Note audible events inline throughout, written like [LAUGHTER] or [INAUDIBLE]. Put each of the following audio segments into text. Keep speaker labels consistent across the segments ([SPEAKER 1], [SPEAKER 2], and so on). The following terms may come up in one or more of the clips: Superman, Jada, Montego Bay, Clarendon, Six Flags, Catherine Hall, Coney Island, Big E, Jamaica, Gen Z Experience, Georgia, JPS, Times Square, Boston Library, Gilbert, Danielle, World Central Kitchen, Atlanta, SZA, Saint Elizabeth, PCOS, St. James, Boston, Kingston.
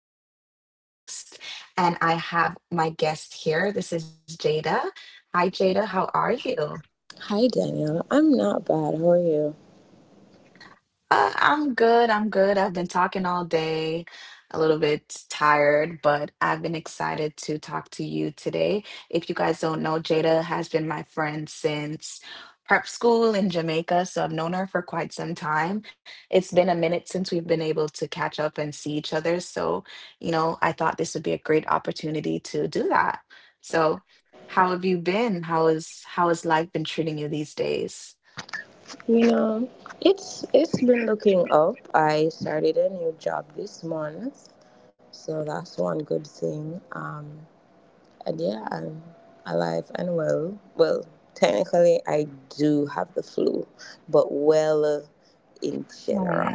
[SPEAKER 1] your host, and I have my guest here. This is Jada. Hi, Jada. How are you?
[SPEAKER 2] Hi Danielle, I'm not bad. How are you?
[SPEAKER 1] I'm good. I'm good. I've been talking all day, a little bit tired, but I've been excited to talk to you today. If you guys don't know, Jada has been my friend since prep school in Jamaica, so I've known her for quite some time. It's been a minute since we've been able to catch up and see each other, so I thought this would be a great opportunity to do that. So, how have you been? How has life been treating you these days?
[SPEAKER 2] You know, it's been looking up. I started a new job this month, so that's one good thing. And yeah, I'm alive and well. Well, technically, I do have the flu, but well in general.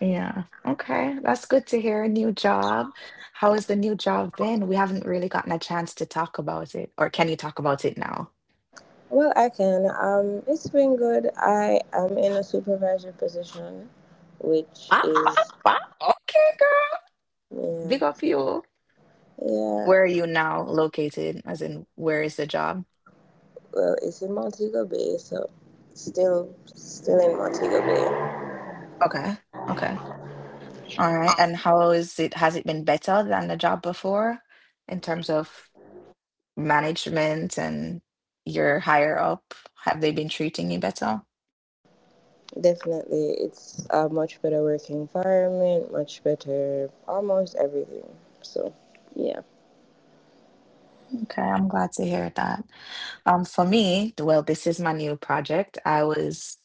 [SPEAKER 1] Yeah. Okay. That's good to hear. New job. How has the new job been? We haven't really gotten a chance to talk about it. Or can you talk about it now?
[SPEAKER 2] [LAUGHS] Well, I can. It's been good. I am in a supervisor position, which
[SPEAKER 1] Ah, ah,
[SPEAKER 2] is
[SPEAKER 1] ah. Okay, girl.
[SPEAKER 2] yeah,
[SPEAKER 1] Big up you.
[SPEAKER 2] yeah.
[SPEAKER 1] Where are you now located? As in, where is the job?
[SPEAKER 2] Well, it's in Montego Bay, so still in Montego Bay.
[SPEAKER 1] Okay. Okay. All right. And how is it? Has it been better than the job before in terms of management and your higher up? Have they been treating you better?
[SPEAKER 2] Definitely, it's a much better work environment, much better almost everything. So, yeah.
[SPEAKER 1] Okay. I'm glad to hear that. For me, well, this is my new project. I was,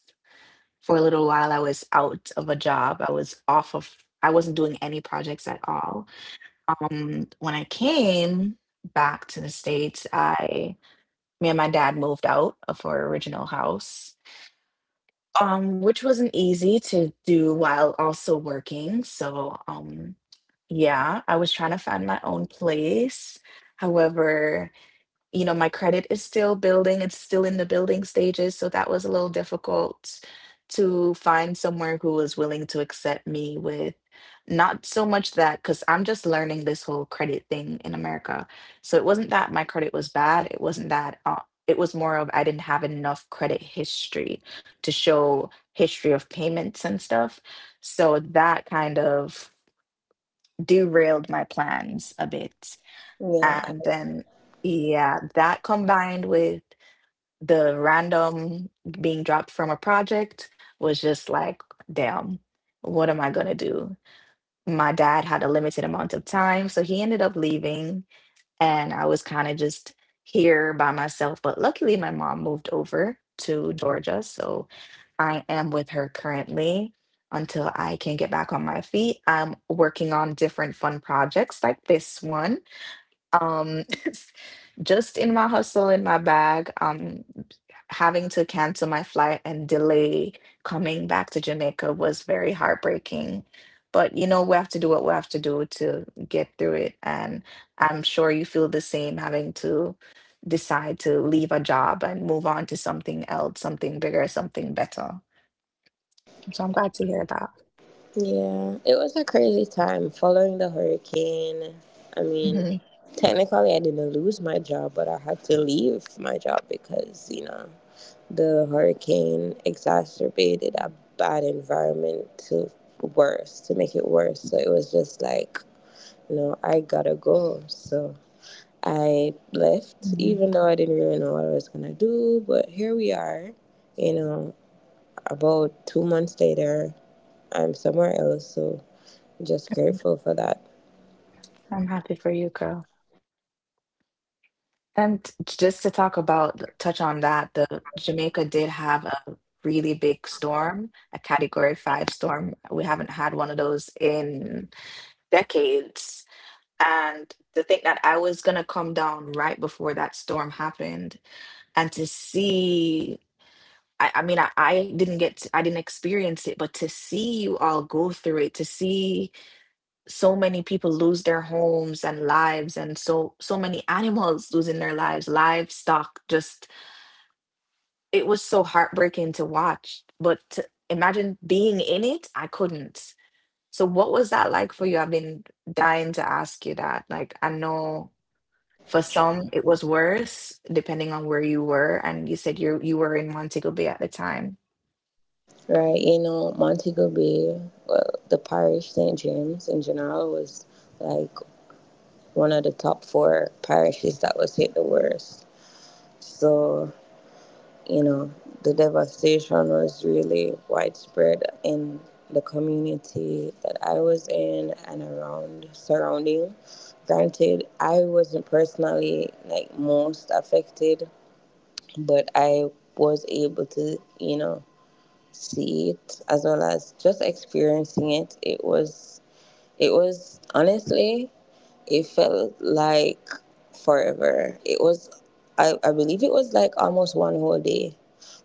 [SPEAKER 1] for a little while, I was out of a job. I wasn't doing any projects at all. When I came back to the States, me and my dad moved out of our original house, which wasn't easy to do while also working. So, yeah, I was trying to find my own place. However, my credit is still building, it's still in the building stages. So that was a little difficult to find somewhere who was willing to accept me with not so much that, because I'm just learning this whole credit thing in America. So it wasn't that my credit was bad, it wasn't that. It was more of I didn't have enough credit history to show history of payments and stuff. So that kind of derailed my plans a bit.
[SPEAKER 2] Yeah, I,
[SPEAKER 1] And then, yeah, that combined with the random being dropped from a project was just like, damn, what am I gonna do? My dad had a limited amount of time, so he ended up leaving, and I was kind of just here by myself. But luckily, my mom moved over to Georgia, so I am with her currently until I can get back on my feet. I'm working on different fun projects like this one um, [LAUGHS] just in my hustle, in my bag, having to cancel my flight and delay coming back to Jamaica was very heartbreaking. But we have to do what we have to do to get through it. And I'm sure you feel the same having to decide to leave a job and move on to something else, something bigger, something better. So I'm glad to hear that.
[SPEAKER 2] yeah, it was a crazy time following the hurricane. I mean,
[SPEAKER 1] Hmm.
[SPEAKER 2] technically I didn't lose my job, but I had to leave my job because, you know, the hurricane exacerbated a bad environment to worse, to make it worse. So it was just like, you know, I gotta go. So I left,
[SPEAKER 1] Hmm.
[SPEAKER 2] even though I didn't really know what I was gonna do. But here we are, you know, about 2 months later, I'm somewhere else. So just grateful for that.
[SPEAKER 1] I'm happy for you, girl. And just touch on that, the Jamaica did have a really big storm, a Category 5 storm. We haven't had one of those in decades. And to think that I was going to come down right before that storm happened and to see, I mean, I didn't get, I didn't experience it, but to see you all go through it, to see so many people lose their homes and lives and so many [LAUGHS] animals losing their lives livestock just it was so heartbreaking to watch, but to imagine being in it, I couldn't. So what was that like for you? I've been dying to ask you that. Like I know for some it was worse depending on where you were, and you said you were in Montego Bay at the time.
[SPEAKER 2] Right, you know, Montego Bay, well, the parish St. James in general was like one of the top four parishes that was hit the worst. So you know, the devastation was really widespread in the community that I was in and around surrounding. Granted, I wasn't personally like most affected, but I was able to, you know, see it as well as just experiencing it. It was honestly it felt like forever. I believe it was like almost one whole day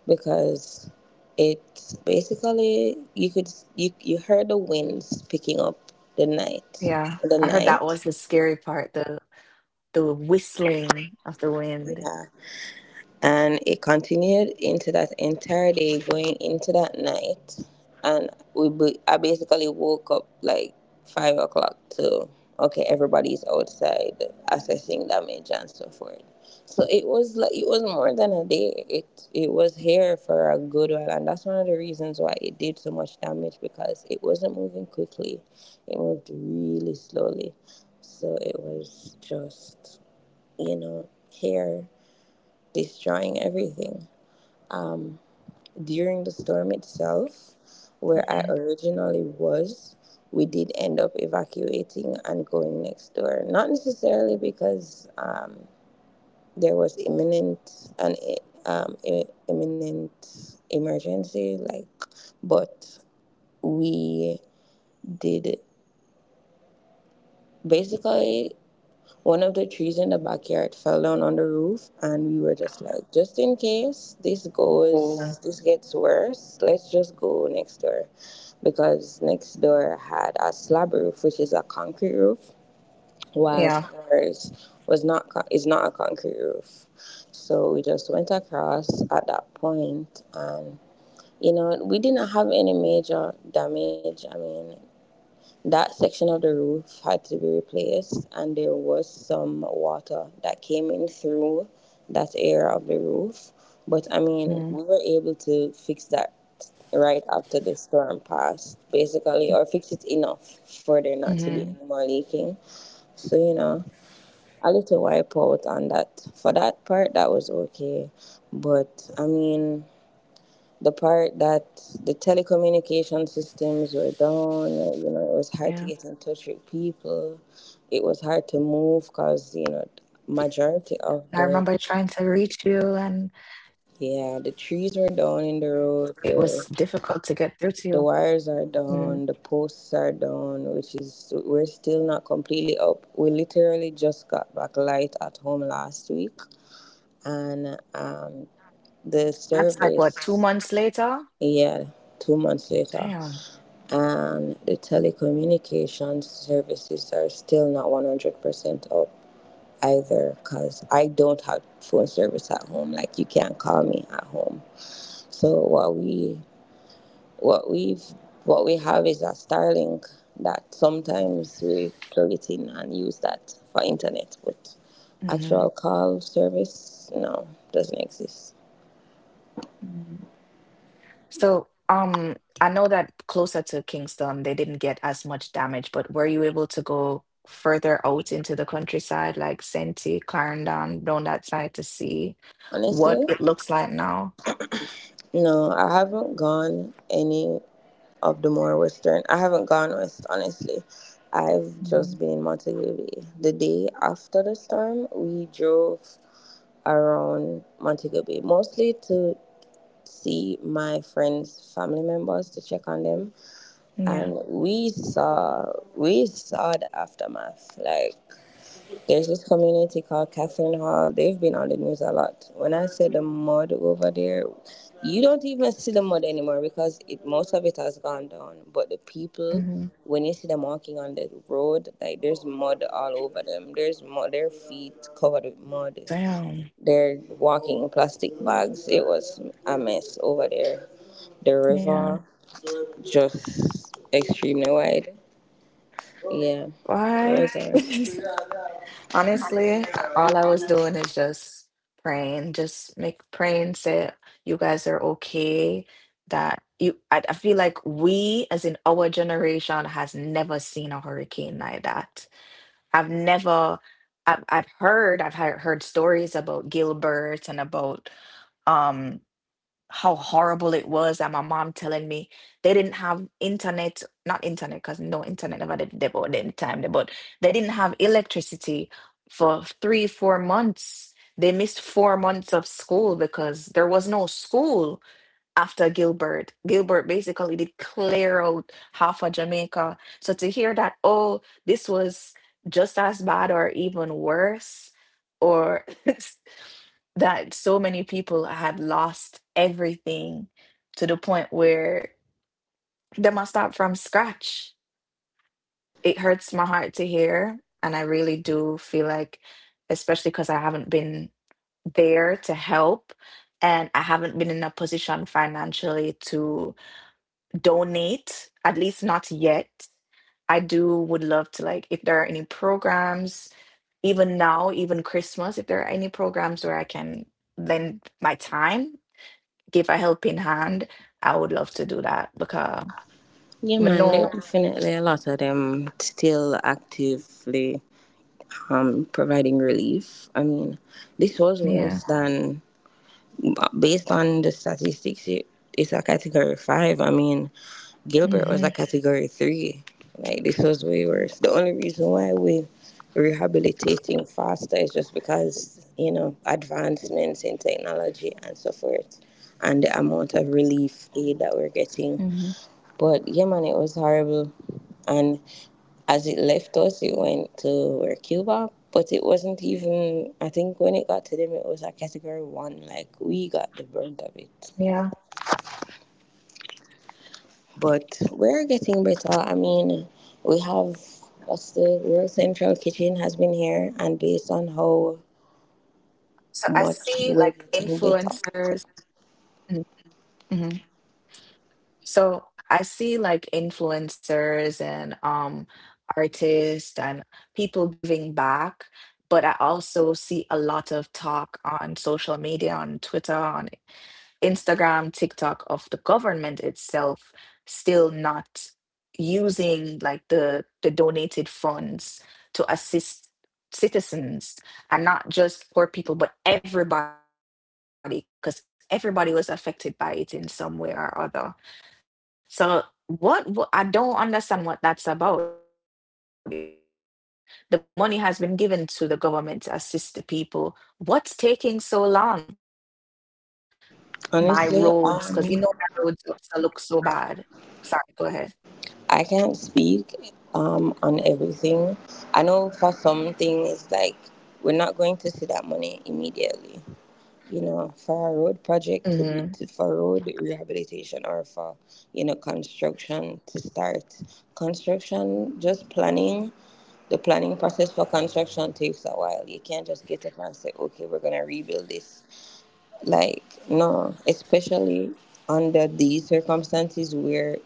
[SPEAKER 2] because it basically, you heard the winds picking up
[SPEAKER 1] Yeah,
[SPEAKER 2] the
[SPEAKER 1] I heard
[SPEAKER 2] night.
[SPEAKER 1] that was the scary part, the whistling of the wind.
[SPEAKER 2] Yeah. And it continued into that entire day, going into that night. I basically woke up like 5 o'clock to, okay, everybody's outside assessing damage and so forth. So it was like it was more than a day. It was here for a good while, and that's one of the reasons why it did so much damage because it wasn't moving quickly. It moved really slowly, so it was just, you know, here destroying everything. During the storm itself, where I
[SPEAKER 1] Mhm.
[SPEAKER 2] originally was, we did end up evacuating and going next door. Not necessarily because there was imminent emergency, like, but we did basically. One of the trees in the backyard fell down on the roof, and we were just like, just in case this
[SPEAKER 1] Oh,
[SPEAKER 2] goes, this gets worse, let's just go next door. Because next door had a slab roof, which is a concrete roof, whilst
[SPEAKER 1] yeah.
[SPEAKER 2] ours was not co- is not a concrete roof. So we just went across at that point, and you know, we didn't have any major damage. I mean, that section of the roof had to be replaced, and there was some water that came in through that area of the roof. But I mean, we were able to fix that right after the storm passed, basically, or fix it enough for there not to be
[SPEAKER 1] Mm-hmm.
[SPEAKER 2] any more leaking. So, you know, a little wipe out on that. For that part, that was okay. But I mean, the part that the telecommunication systems were down, you know, it was hard to
[SPEAKER 1] Yeah.
[SPEAKER 2] get in touch with people. It was
[SPEAKER 1] I
[SPEAKER 2] hard to
[SPEAKER 1] remember
[SPEAKER 2] move
[SPEAKER 1] trying to
[SPEAKER 2] because, you
[SPEAKER 1] reach
[SPEAKER 2] know,
[SPEAKER 1] you and
[SPEAKER 2] majority of the,
[SPEAKER 1] it was
[SPEAKER 2] yeah, the trees
[SPEAKER 1] difficult
[SPEAKER 2] were
[SPEAKER 1] to get
[SPEAKER 2] down
[SPEAKER 1] through
[SPEAKER 2] in the
[SPEAKER 1] to you.
[SPEAKER 2] road,
[SPEAKER 1] Hmm.
[SPEAKER 2] the wires are down, the posts are down, which is, we're still not completely up. We literally just got back light at home last week and the
[SPEAKER 1] That's like what, two
[SPEAKER 2] service,
[SPEAKER 1] months later?
[SPEAKER 2] yeah, 2 months later.
[SPEAKER 1] Damn.
[SPEAKER 2] And the telecommunications services are still not 100% up either, because I don't have phone service at home, like you can't call me at home. So what we've what we have is a Starlink that sometimes we plug it in and use that for internet, but
[SPEAKER 1] Hmm.
[SPEAKER 2] actual call service, no, doesn't exist.
[SPEAKER 1] Hmm. So, I know that closer to Kingston, they didn't get as much damage, but were you able to go further out into the countryside, like Senti, Clarendon, down that side to see what
[SPEAKER 2] Honestly,
[SPEAKER 1] it looks like now?
[SPEAKER 2] no, I haven't gone any of the more western. I haven't gone west, honestly. I've
[SPEAKER 1] Hmm.
[SPEAKER 2] just been in Montego Bay. The day after the storm, we drove around Montego Bay, mostly to see my friends' family members to check on them.
[SPEAKER 1] Yeah.
[SPEAKER 2] And we saw the aftermath. Like there's this community called Catherine Hall. They've been on the news a lot. When I say the mud over there, you don't even see the mud anymore because it, most of it has gone down. But the people,
[SPEAKER 1] Hmm.
[SPEAKER 2] when you see them walking on the road, like there's mud all over them. There's mud, their feet covered with mud.
[SPEAKER 1] Damn.
[SPEAKER 2] They're walking in plastic bags. It was a mess over there. The
[SPEAKER 1] Yeah.
[SPEAKER 2] river just extremely wide. Yeah, it
[SPEAKER 1] Why?
[SPEAKER 2] was a mess.
[SPEAKER 1] [LAUGHS] Honestly, all I was doing is just praying, just make praying say you guys are okay. I feel like we, as in our generation, has never seen a hurricane like that. I've never, I've heard stories about Gilbert and about. um how horrible it was, and my mom telling me they didn't have internet, not internet because no internet never did they bought any time they bought. They didn't have electricity for 3 4 months. They missed 4 months of school because there was no school after Gilbert basically did clear out half of Jamaica. So to hear that, oh, this was just as bad or even worse or [LAUGHS] that so many people had lost everything to the point where they must start from scratch. It hurts my heart to hear. And I really do feel like, especially because I haven't been there to help and I haven't been in a position financially to donate, at least not yet. I do would love to, like if there are any programs, even now, even Christmas, if there are any programs where I can lend my time, give a helping hand, I would love to do that because
[SPEAKER 2] Yeah,
[SPEAKER 1] I
[SPEAKER 2] man, there are
[SPEAKER 1] know,
[SPEAKER 2] definitely a lot of them still actively providing relief. I mean, this was
[SPEAKER 1] yeah.
[SPEAKER 2] worse than, based on the statistics, it's a category five. I mean, Gilbert was a
[SPEAKER 1] Hmm.
[SPEAKER 2] category three. Like, this was way worse. The only reason why we rehabilitating faster is just because, you know, advancements in technology and so forth and the amount of
[SPEAKER 1] Hmm.
[SPEAKER 2] relief aid that we're getting. But yeah, man, it was horrible. And as it left us, it went to where Cuba, but it wasn't even.
[SPEAKER 1] Yeah.
[SPEAKER 2] I think when it got to them, it was a category one. Like we got the brunt of it,
[SPEAKER 1] So I
[SPEAKER 2] but
[SPEAKER 1] see like
[SPEAKER 2] we're getting better. I
[SPEAKER 1] influencers.
[SPEAKER 2] mean, we have what's the World Central Kitchen has been here, and based on how
[SPEAKER 1] Mm-hmm.
[SPEAKER 2] much we're getting better.
[SPEAKER 1] Hmm. So I see like influencers and artists and people giving back, but I also see a lot of talk on social media, on Twitter, on Instagram, TikTok, of the government itself still not using like the donated funds to assist citizens and not just poor people but everybody because everybody was affected by it in some way or other. So I don't understand what that's about. If the money has been given to the government to assist the people, what's taking so long? I know you. You know, I can't even begin
[SPEAKER 2] Honestly,
[SPEAKER 1] to think what my roads, because you know my roads also look so bad.
[SPEAKER 2] I
[SPEAKER 1] Sorry,
[SPEAKER 2] can't
[SPEAKER 1] go ahead.
[SPEAKER 2] speak on everything. I know for some things like we're not going to see that money immediately, you know, for a road project for
[SPEAKER 1] Hmm.
[SPEAKER 2] road rehabilitation or for, you know, construction to start. Construction, just planning, the planning process for construction takes a while. You can't just get it and say, okay, we're going to rebuild this, like no, especially under these circumstances where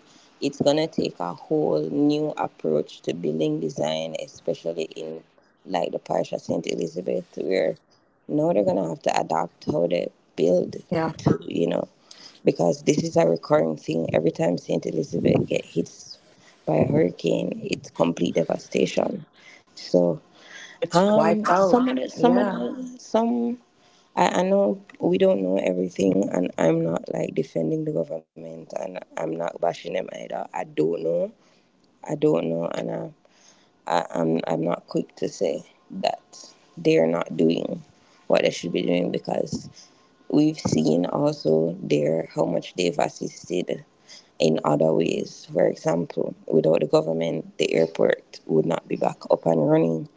[SPEAKER 2] it's gonna take a whole new approach to building design, especially in like the parish of Saint Elizabeth, where now they're gonna have to adapt how they
[SPEAKER 1] Yeah.
[SPEAKER 2] build to, you know, because this is a recurring thing. Every time Saint Elizabeth get hits by a hurricane, it's complete devastation. So
[SPEAKER 1] It's wiped out.
[SPEAKER 2] some of
[SPEAKER 1] Yeah.
[SPEAKER 2] the some of the some I know we don't know everything, and I'm not like defending the government, and I'm not bashing them either. I don't know. I don't know, and I'm not quick to say that they're not doing what they should be doing, because we've seen also there how much they've assisted in other ways. For example, without the government, the airport would not be back up and running.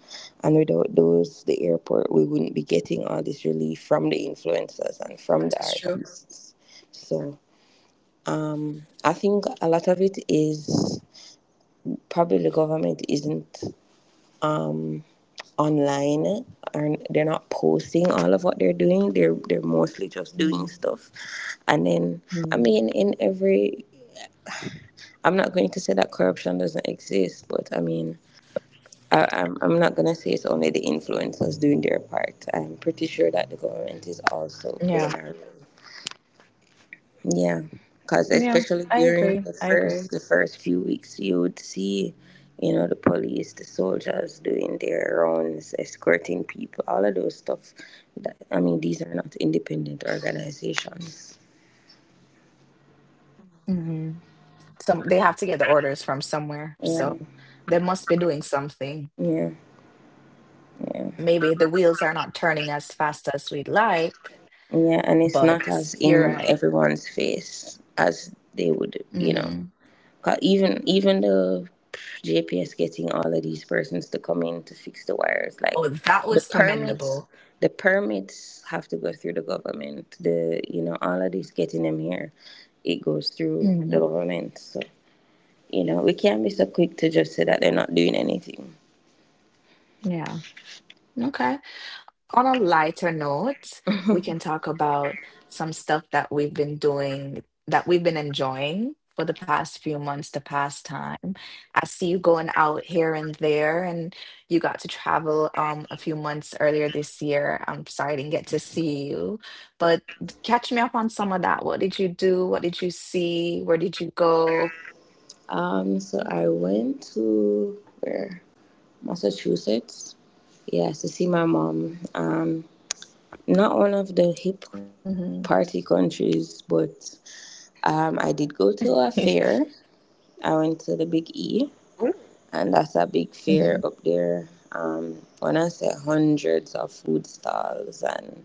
[SPEAKER 2] And without those, the airport, we wouldn't be getting all this
[SPEAKER 1] That is
[SPEAKER 2] relief
[SPEAKER 1] true.
[SPEAKER 2] from the influencers and from the artists. So
[SPEAKER 1] Hmm.
[SPEAKER 2] I think a lot of it is probably the government isn't online and they're not posting all of what they're doing. They're mostly just doing stuff. And then I mean in
[SPEAKER 1] Mhm.
[SPEAKER 2] every I'm not going to say that corruption doesn't exist, but I mean, I'm not going to say it's only the influencers doing their part. I'm pretty sure that the government is also
[SPEAKER 1] Yeah.
[SPEAKER 2] playing a role. Yeah, because
[SPEAKER 1] Yeah.
[SPEAKER 2] especially
[SPEAKER 1] I
[SPEAKER 2] during
[SPEAKER 1] agree. I agree.
[SPEAKER 2] the first few weeks, you would see, you know, the police, the soldiers doing their rounds, escorting people, all of those stuff. That, I mean, these are not independent organizations.
[SPEAKER 1] Hmm. Some they have to get the orders from somewhere, so
[SPEAKER 2] Yeah,
[SPEAKER 1] they must be doing something.
[SPEAKER 2] yeah, yeah,
[SPEAKER 1] Maybe the wheels are not turning as fast as we'd like,
[SPEAKER 2] yeah, and it's not
[SPEAKER 1] but
[SPEAKER 2] as
[SPEAKER 1] you're
[SPEAKER 2] in
[SPEAKER 1] right.
[SPEAKER 2] everyone's face as they would, you know.
[SPEAKER 1] Hmm.
[SPEAKER 2] Even the JPS getting all of these persons to come in to fix the wires, like
[SPEAKER 1] Oh, that
[SPEAKER 2] the
[SPEAKER 1] was
[SPEAKER 2] permits,
[SPEAKER 1] commendable.
[SPEAKER 2] the permits have to go through the government. The You know, all of this getting them here, it goes through
[SPEAKER 1] Mhm.
[SPEAKER 2] the government. So you know we can't be so quick to just say that they're not doing anything.
[SPEAKER 1] Yeah. Okay. On a lighter note, we can talk about some stuff that we've been doing, that we've been enjoying for the past few months, the past time. I see you going out here and there, and you got to travel a few months earlier this year. I'm sorry I didn't get to see you, but catch me up on some of that. What did you do? What did you see? Where did you go?
[SPEAKER 2] So I went to where Massachusetts, yes, to see my mom. Not one of
[SPEAKER 1] Mm-hmm.
[SPEAKER 2] the hip party countries, but I did go
[SPEAKER 1] [LAUGHS]
[SPEAKER 2] to a fair. I went to the Big
[SPEAKER 1] Ooh.
[SPEAKER 2] E, and that's a
[SPEAKER 1] Mm-hmm.
[SPEAKER 2] big fair up there. When I say hundreds of food stalls, and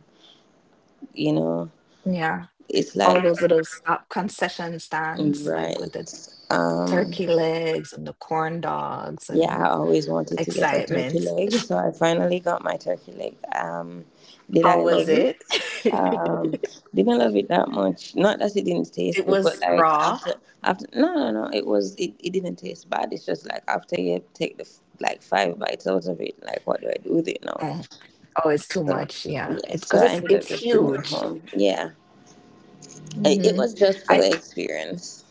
[SPEAKER 2] you know,
[SPEAKER 1] Yeah.
[SPEAKER 2] it's
[SPEAKER 1] All
[SPEAKER 2] like
[SPEAKER 1] those little stop concession stands, like with the
[SPEAKER 2] right.
[SPEAKER 1] turkey legs and the corn dogs and
[SPEAKER 2] Yeah, I always wanted to get a
[SPEAKER 1] excitement.
[SPEAKER 2] turkey leg, so I finally got my turkey leg. Did
[SPEAKER 1] How
[SPEAKER 2] I
[SPEAKER 1] was
[SPEAKER 2] love it?
[SPEAKER 1] it? [LAUGHS]
[SPEAKER 2] Um,
[SPEAKER 1] It
[SPEAKER 2] didn't love it that much. Not that it didn't taste good, but
[SPEAKER 1] was
[SPEAKER 2] like
[SPEAKER 1] raw.
[SPEAKER 2] after after no no no, it was it didn't taste bad. It's just like after you take like five bites out of it, like what do I do with it now?
[SPEAKER 1] Oh, oh, it's too
[SPEAKER 2] So
[SPEAKER 1] much. Yeah,
[SPEAKER 2] yeah,
[SPEAKER 1] it's
[SPEAKER 2] so
[SPEAKER 1] because
[SPEAKER 2] I
[SPEAKER 1] it's
[SPEAKER 2] ended up
[SPEAKER 1] it's
[SPEAKER 2] just bringing it
[SPEAKER 1] huge.
[SPEAKER 2] home. Yeah, it
[SPEAKER 1] Hmm.
[SPEAKER 2] was just for
[SPEAKER 1] I
[SPEAKER 2] the experience.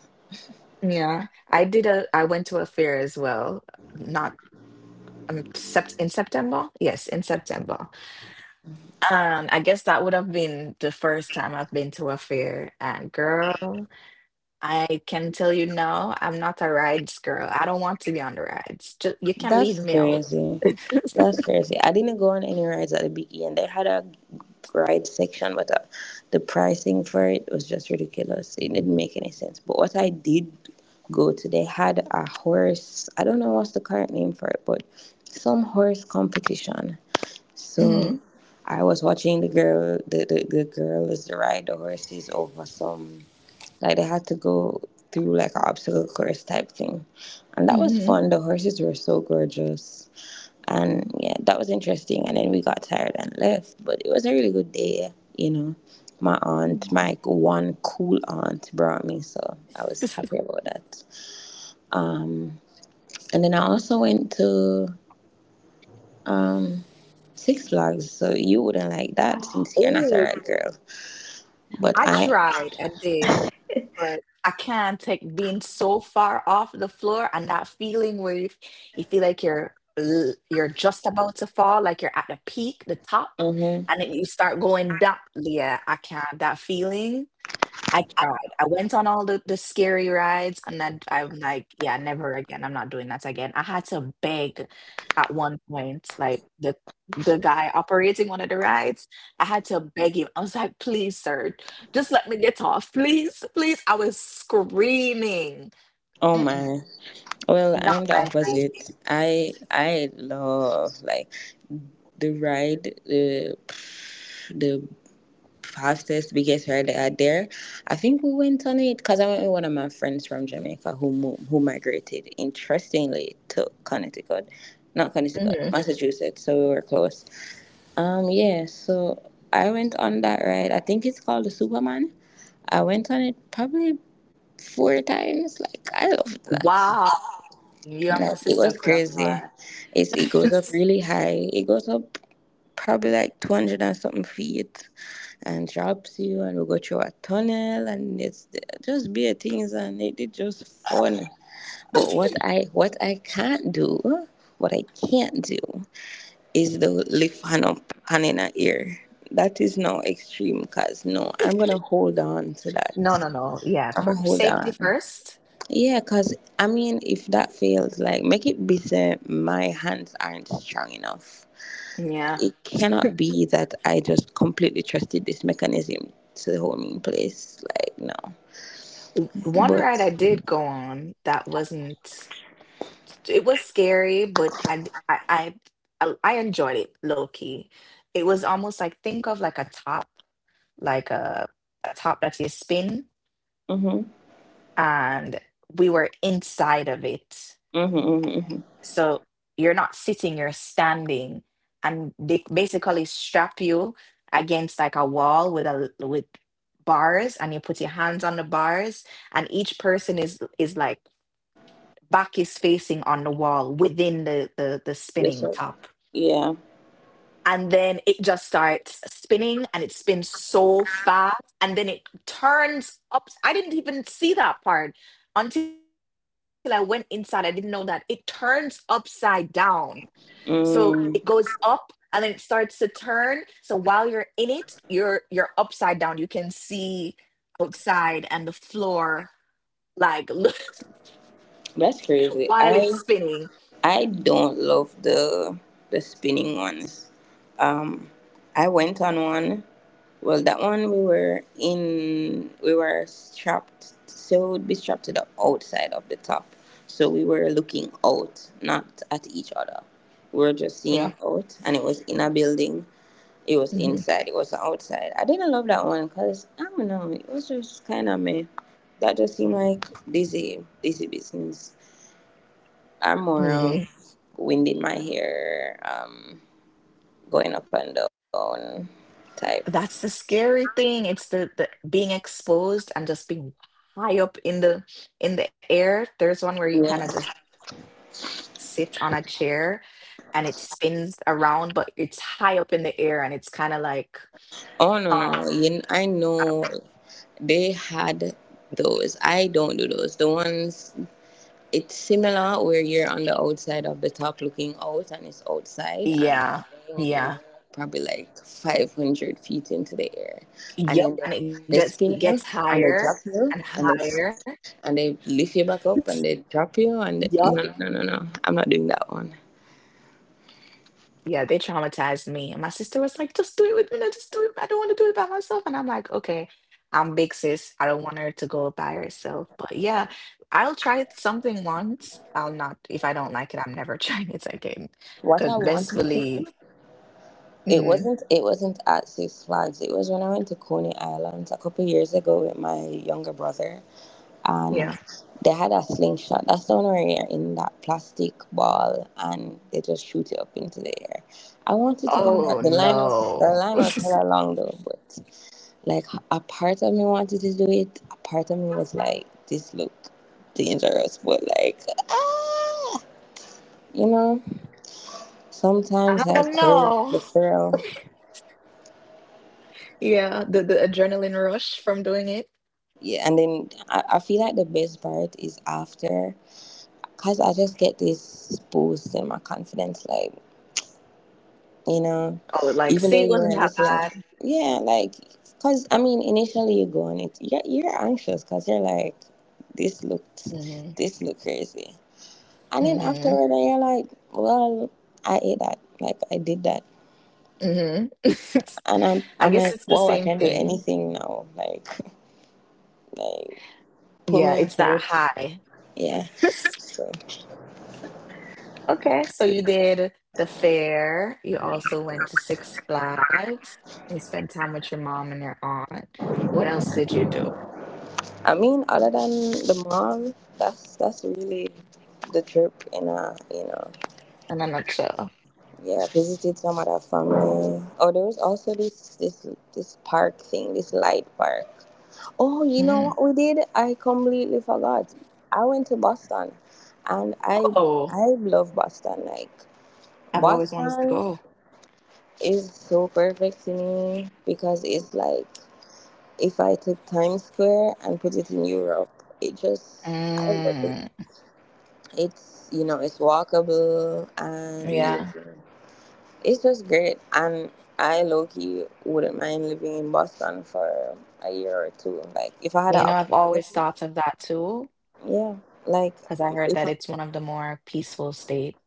[SPEAKER 1] Yeah, I did a. I went to a fair as well. Not September. Yes, in September. I guess that would have been the first time I've been to a fair. And girl. I can tell you no, I'm not a rides girl. I don't want to be on the rides. Just, you can
[SPEAKER 2] That's
[SPEAKER 1] leave me out.
[SPEAKER 2] crazy. That's crazy. I didn't go on any rides at the Big E, and they had a ride section, but the pricing for it was just ridiculous. It didn't make any sense. But what I did go to, they had a horse. I don't know what's the current name for it, but some horse competition. So
[SPEAKER 1] Hmm.
[SPEAKER 2] I was watching the girl. The girl is ride the horses over some like they had to go through like an obstacle course type thing. And that was
[SPEAKER 1] Hmm.
[SPEAKER 2] fun. The horses were so gorgeous. And yeah, that was interesting. And then we got tired and left. But it was a really good day. My aunt,
[SPEAKER 1] No.
[SPEAKER 2] my one cool aunt, brought me, so I was happy
[SPEAKER 1] [LAUGHS]
[SPEAKER 2] about that. And then I also went to um Six Flags, so you wouldn't like that since you're not
[SPEAKER 1] Oh,
[SPEAKER 2] a red girl. But
[SPEAKER 1] I
[SPEAKER 2] I,
[SPEAKER 1] tried, I did, but I can't take being so far off the floor and that feeling where you feel like you're just about to fall, like you're at the peak, the top,
[SPEAKER 2] hmm,
[SPEAKER 1] and then you start going down. Yeah, I can't. That feeling. I tried. I went on all the scary rides, and I'm like, yeah, never again. I'm not doing that again. I had to beg at one point, like the guy operating one of the rides. I had to beg him. I was like, please, sir, just let me get off, please, please. I was screaming.
[SPEAKER 2] oh
[SPEAKER 1] Mm-mm,
[SPEAKER 2] my. Well,
[SPEAKER 1] not
[SPEAKER 2] I'm the
[SPEAKER 1] my thing.
[SPEAKER 2] opposite. I love like the ride, the fastest, biggest ride that out there. I think we went on it because I went with one of my friends from Jamaica who migrated interestingly to Connecticut, not Connecticut,
[SPEAKER 1] Mhm.
[SPEAKER 2] Massachusetts. So we were close. Yeah. So I went on that ride. I think it's called the Superman. I went on it probably four times. Like I loved that.
[SPEAKER 1] Wow, you and my
[SPEAKER 2] Like it
[SPEAKER 1] sister
[SPEAKER 2] was
[SPEAKER 1] could have
[SPEAKER 2] crazy.
[SPEAKER 1] cried.
[SPEAKER 2] It goes
[SPEAKER 1] [LAUGHS]
[SPEAKER 2] up really high. It goes up probably like 200 and something feet and drops you, and we go through a tunnel, and it's just bare things, and it just fun. But what I can't do, what I can't do is the lift hand up hand in a ear. That is now extreme cause no, I'm gonna hold on to that.
[SPEAKER 1] No, no, no. Yeah,
[SPEAKER 2] I'm gonna hold
[SPEAKER 1] safety
[SPEAKER 2] on.
[SPEAKER 1] first.
[SPEAKER 2] Yeah, because I mean, if that fails, like make it bitter, my hands aren't strong enough.
[SPEAKER 1] Yeah.
[SPEAKER 2] It cannot be that I just completely trusted this mechanism to hold me in place. Like, no.
[SPEAKER 1] One
[SPEAKER 2] But,
[SPEAKER 1] ride I did go on that wasn't, it was scary, but I enjoyed it low key. It was almost like think of like a top, like a top that you spin,
[SPEAKER 2] mm hmm,
[SPEAKER 1] and we were inside of it.
[SPEAKER 2] mm hmm, mm hmm.
[SPEAKER 1] So you're not sitting, you're standing, and they basically strap you against like a wall with bars, and you put your hands on the bars, and each person is like back is facing on the wall within the
[SPEAKER 2] That's
[SPEAKER 1] spinning
[SPEAKER 2] all.
[SPEAKER 1] top.
[SPEAKER 2] Yeah.
[SPEAKER 1] And then it just starts spinning and it spins so fast, and then it turns up. I didn't even see that part until I went inside. I didn't know that it turns upside down. So it goes up
[SPEAKER 2] Mm,
[SPEAKER 1] and then it starts to turn. So while you're in it, you're upside down, you can see outside and the floor, like,
[SPEAKER 2] that's
[SPEAKER 1] [LAUGHS] while
[SPEAKER 2] crazy.
[SPEAKER 1] it's
[SPEAKER 2] I
[SPEAKER 1] spinning.
[SPEAKER 2] I don't love the spinning ones. Um, I went on one Well, that one we were in, we were strapped, so we'd be strapped to the outside of the top. So we were looking out, not at each other. We were just seeing
[SPEAKER 1] Yeah.
[SPEAKER 2] out, and it was in a building. It was
[SPEAKER 1] Hmm.
[SPEAKER 2] inside, it was outside. I didn't love that one because, I don't know, it was just kind of me. That just seemed like dizzy, dizzy business. I'm more of wind in my hair, going up and down type.
[SPEAKER 1] That's the scary thing. It's the being exposed and just being high up in the air. There's one where you
[SPEAKER 2] Yeah.
[SPEAKER 1] kind of just sit on a chair and it spins around, but it's high up in the air and it's kind of like, um
[SPEAKER 2] Oh no no no! I know they had those. I don't do those. The ones it's similar where you're on the outside of the top looking out, and it's outside, and
[SPEAKER 1] yeah,
[SPEAKER 2] you're
[SPEAKER 1] yeah.
[SPEAKER 2] probably like 500 feet into the air, and then they,
[SPEAKER 1] Yep. And it
[SPEAKER 2] they
[SPEAKER 1] gets
[SPEAKER 2] spin
[SPEAKER 1] it
[SPEAKER 2] you
[SPEAKER 1] gets
[SPEAKER 2] and they
[SPEAKER 1] higher
[SPEAKER 2] drop you
[SPEAKER 1] and
[SPEAKER 2] and
[SPEAKER 1] higher.
[SPEAKER 2] and they lift you back up
[SPEAKER 1] [LAUGHS]
[SPEAKER 2] and they drop you and
[SPEAKER 1] Yep.
[SPEAKER 2] no no no no no! I'm not doing that one.
[SPEAKER 1] Yeah, they traumatized me. And my sister was like, "Just do it with me." No, "Just do it. I don't want to do it by myself." And I'm like, okay, I'm big sis, I don't want her to go by herself. But yeah, I'll try it something once. I'll not, if I don't like it, I'm never [LAUGHS] trying it again.
[SPEAKER 2] What
[SPEAKER 1] Because
[SPEAKER 2] I
[SPEAKER 1] best
[SPEAKER 2] wanted to do.
[SPEAKER 1] believe,
[SPEAKER 2] It
[SPEAKER 1] mm,
[SPEAKER 2] wasn't. It wasn't at Six Flags. It was when I went to Coney Island a couple years ago with my younger brother, and
[SPEAKER 1] yeah.
[SPEAKER 2] they had a slingshot. That's the one where you're in that plastic ball and they just shoot it up into the air. I wanted to go on
[SPEAKER 1] Oh
[SPEAKER 2] that. The line was the
[SPEAKER 1] no.
[SPEAKER 2] line was
[SPEAKER 1] [LAUGHS]
[SPEAKER 2] hella long, though, but like a part of me wanted to do it. A part of me was like, this look dangerous, but like, ah, you know.
[SPEAKER 1] Oh
[SPEAKER 2] Sometimes
[SPEAKER 1] no.
[SPEAKER 2] I crave the thrill.
[SPEAKER 1] Yeah, the adrenaline rush from doing it.
[SPEAKER 2] Yeah, and then I feel like the best part is after, because I just get this boost in my confidence, like you know
[SPEAKER 1] Oh, like,
[SPEAKER 2] even
[SPEAKER 1] see,
[SPEAKER 2] though
[SPEAKER 1] it
[SPEAKER 2] you're
[SPEAKER 1] wasn't
[SPEAKER 2] a
[SPEAKER 1] that
[SPEAKER 2] little
[SPEAKER 1] bad.
[SPEAKER 2] like, yeah, like because I mean initially you go on it, you're anxious because you're like this looked
[SPEAKER 1] Mm-hmm.
[SPEAKER 2] this looked crazy, and then
[SPEAKER 1] Mm-hmm.
[SPEAKER 2] afterward you're like, well, I ate that, like I did that,
[SPEAKER 1] Mm-hmm.
[SPEAKER 2] and i'm
[SPEAKER 1] [LAUGHS] I
[SPEAKER 2] i'm
[SPEAKER 1] guess
[SPEAKER 2] like,
[SPEAKER 1] it's the
[SPEAKER 2] wow, I
[SPEAKER 1] same
[SPEAKER 2] can do
[SPEAKER 1] thing.
[SPEAKER 2] anything now, like [LAUGHS] like put
[SPEAKER 1] Yeah,
[SPEAKER 2] me in
[SPEAKER 1] it's that
[SPEAKER 2] church.
[SPEAKER 1] high.
[SPEAKER 2] Yeah.
[SPEAKER 1] [LAUGHS]
[SPEAKER 2] So
[SPEAKER 1] Okay, so you did the fair. You also went to Six Flags and spent time with your mom and your aunt. What else did you do
[SPEAKER 2] I mean, other than the mall, that's really the trip. And you know,
[SPEAKER 1] in a nutshell?
[SPEAKER 2] yeah, visited some other family. Oh, there was also this park thing, this light park. Oh, you know
[SPEAKER 1] Mm.
[SPEAKER 2] what we did? I completely forgot. I went to Boston, and I
[SPEAKER 1] Oh,
[SPEAKER 2] I love Boston. Like
[SPEAKER 1] I've always wanted to
[SPEAKER 2] Boston
[SPEAKER 1] go.
[SPEAKER 2] is so perfect to me because it's like if I took Times Square and put it in Europe, it just I love it.
[SPEAKER 1] Mm,
[SPEAKER 2] It's, you know, it's walkable and you-
[SPEAKER 1] yeah.
[SPEAKER 2] it's just great. And I low-key wouldn't mind living in Boston for a year or two, like if I had an
[SPEAKER 1] You know, I've always
[SPEAKER 2] opportunity.
[SPEAKER 1] thought of that too,
[SPEAKER 2] Yeah, like
[SPEAKER 1] because I heard
[SPEAKER 2] if
[SPEAKER 1] that
[SPEAKER 2] I,
[SPEAKER 1] it's one of the more peaceful states.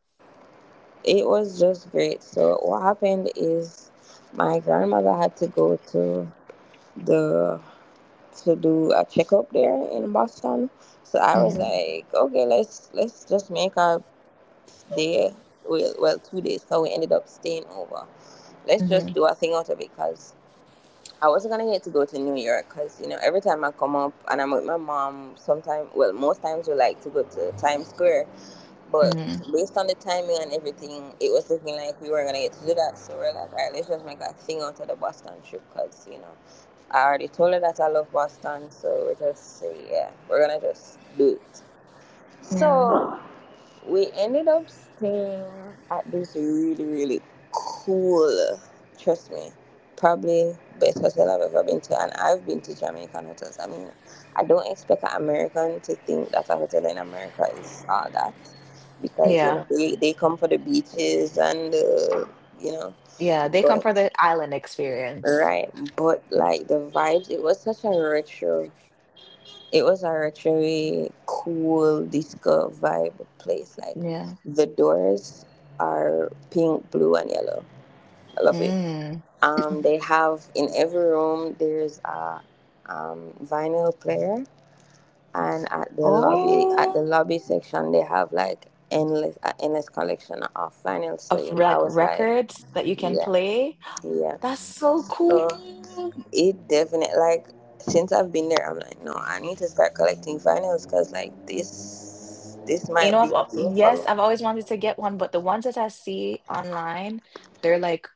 [SPEAKER 2] it was just great. So what happened is my grandmother had to go to the to do a checkup there in Boston. So I was
[SPEAKER 1] Hmm.
[SPEAKER 2] like, okay, let's just make a day. Well, 2 days, so we ended up staying over. Let's just
[SPEAKER 1] Hmm.
[SPEAKER 2] do a thing out of it, because I wasn't gonna get to go to New York, because you know, every time I come up and I'm with my mom, sometimes, well, most times, we like to go to Times Square, but
[SPEAKER 1] Hmm.
[SPEAKER 2] based on the timing and everything, it was looking like we weren't gonna get to do that. So we're like, all right, let's just make a thing out of the Boston trip, because you know I already told her that I love Boston, so we just say, yeah, we're gonna just do it.
[SPEAKER 1] Yeah.
[SPEAKER 2] So we ended up staying at this really, really cool, trust me, probably best hotel I've ever been to. And I've been to Jamaican hotels. I mean, I don't expect an American to think that a hotel in America is all that because, you
[SPEAKER 1] Yeah.
[SPEAKER 2] know, they come for the beaches and, you know,
[SPEAKER 1] Yeah, they come
[SPEAKER 2] but,
[SPEAKER 1] for the island experience.
[SPEAKER 2] right. But, like, the vibes, it was such a retro, it was a retro cool disco vibe place. Like
[SPEAKER 1] Yeah.
[SPEAKER 2] the doors are pink, blue, and yellow. I love it.
[SPEAKER 1] Mm.
[SPEAKER 2] They have in every room there's a vinyl player, and at the lobby, at
[SPEAKER 1] Oh,
[SPEAKER 2] the lobby section, they have like endless endless collection of vinyl. So
[SPEAKER 1] of
[SPEAKER 2] you know I
[SPEAKER 1] like
[SPEAKER 2] was like,
[SPEAKER 1] records that you can
[SPEAKER 2] yeah,
[SPEAKER 1] play.
[SPEAKER 2] yeah.
[SPEAKER 1] That's so
[SPEAKER 2] So
[SPEAKER 1] cool.
[SPEAKER 2] it definitely like since I've been there, I'm like, no, I need to start collecting vinyls, because like this
[SPEAKER 1] You know,
[SPEAKER 2] might be
[SPEAKER 1] I've,
[SPEAKER 2] a
[SPEAKER 1] al-
[SPEAKER 2] thing for
[SPEAKER 1] yes,
[SPEAKER 2] me.
[SPEAKER 1] I've always wanted to get one, but the ones that I see online, they're like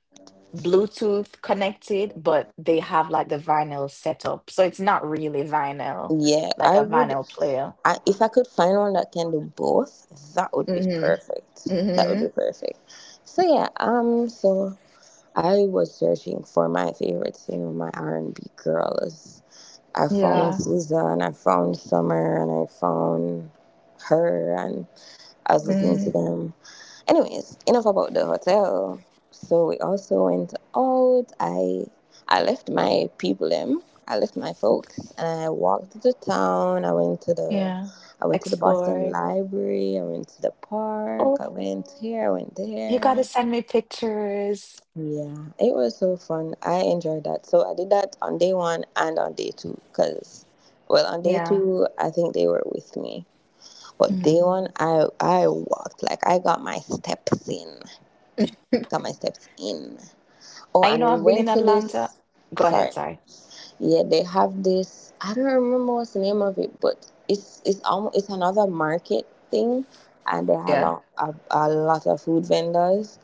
[SPEAKER 1] Bluetooth connected, but they have like the vinyl setup. So it's not really vinyl,
[SPEAKER 2] Yeah,
[SPEAKER 1] like
[SPEAKER 2] I
[SPEAKER 1] a
[SPEAKER 2] would.
[SPEAKER 1] vinyl player.
[SPEAKER 2] I if I could find one that can do both, that would be
[SPEAKER 1] Mm-hmm.
[SPEAKER 2] perfect. That would
[SPEAKER 1] Mm-hmm.
[SPEAKER 2] be perfect. So yeah, so I was searching for my favorites, you know, my R and B girls. I found
[SPEAKER 1] Yeah.
[SPEAKER 2] SZA and I found Summer, and I found her, and I was listening to
[SPEAKER 1] Mm,
[SPEAKER 2] them. Anyways, enough about the hotel. So we also went out. I left my people them. I left my folks and I walked to town. I went to the
[SPEAKER 1] yeah.
[SPEAKER 2] I went to the Boston
[SPEAKER 1] Explore.
[SPEAKER 2] Library. I went to the park. I went here. I
[SPEAKER 1] Oh,
[SPEAKER 2] went
[SPEAKER 1] you gotta
[SPEAKER 2] there.
[SPEAKER 1] send me pictures.
[SPEAKER 2] Yeah, it was so fun. I enjoyed that. So I did that on day one and on day two. Cause, well, on day
[SPEAKER 1] Yeah.
[SPEAKER 2] two I think they were with me, but
[SPEAKER 1] Hmm.
[SPEAKER 2] day one I walked, like I got my steps in, got my steps in. Oh,
[SPEAKER 1] I, you
[SPEAKER 2] and
[SPEAKER 1] know,
[SPEAKER 2] we
[SPEAKER 1] I've been
[SPEAKER 2] went
[SPEAKER 1] in
[SPEAKER 2] to
[SPEAKER 1] Atlanta.
[SPEAKER 2] this.
[SPEAKER 1] Go
[SPEAKER 2] Sorry.
[SPEAKER 1] ahead, sorry.
[SPEAKER 2] Yeah, they have this. I don't remember what's the name of it, but it's almost it's another market thing, and they have a,
[SPEAKER 1] Yeah.
[SPEAKER 2] a, a lot of food vendors.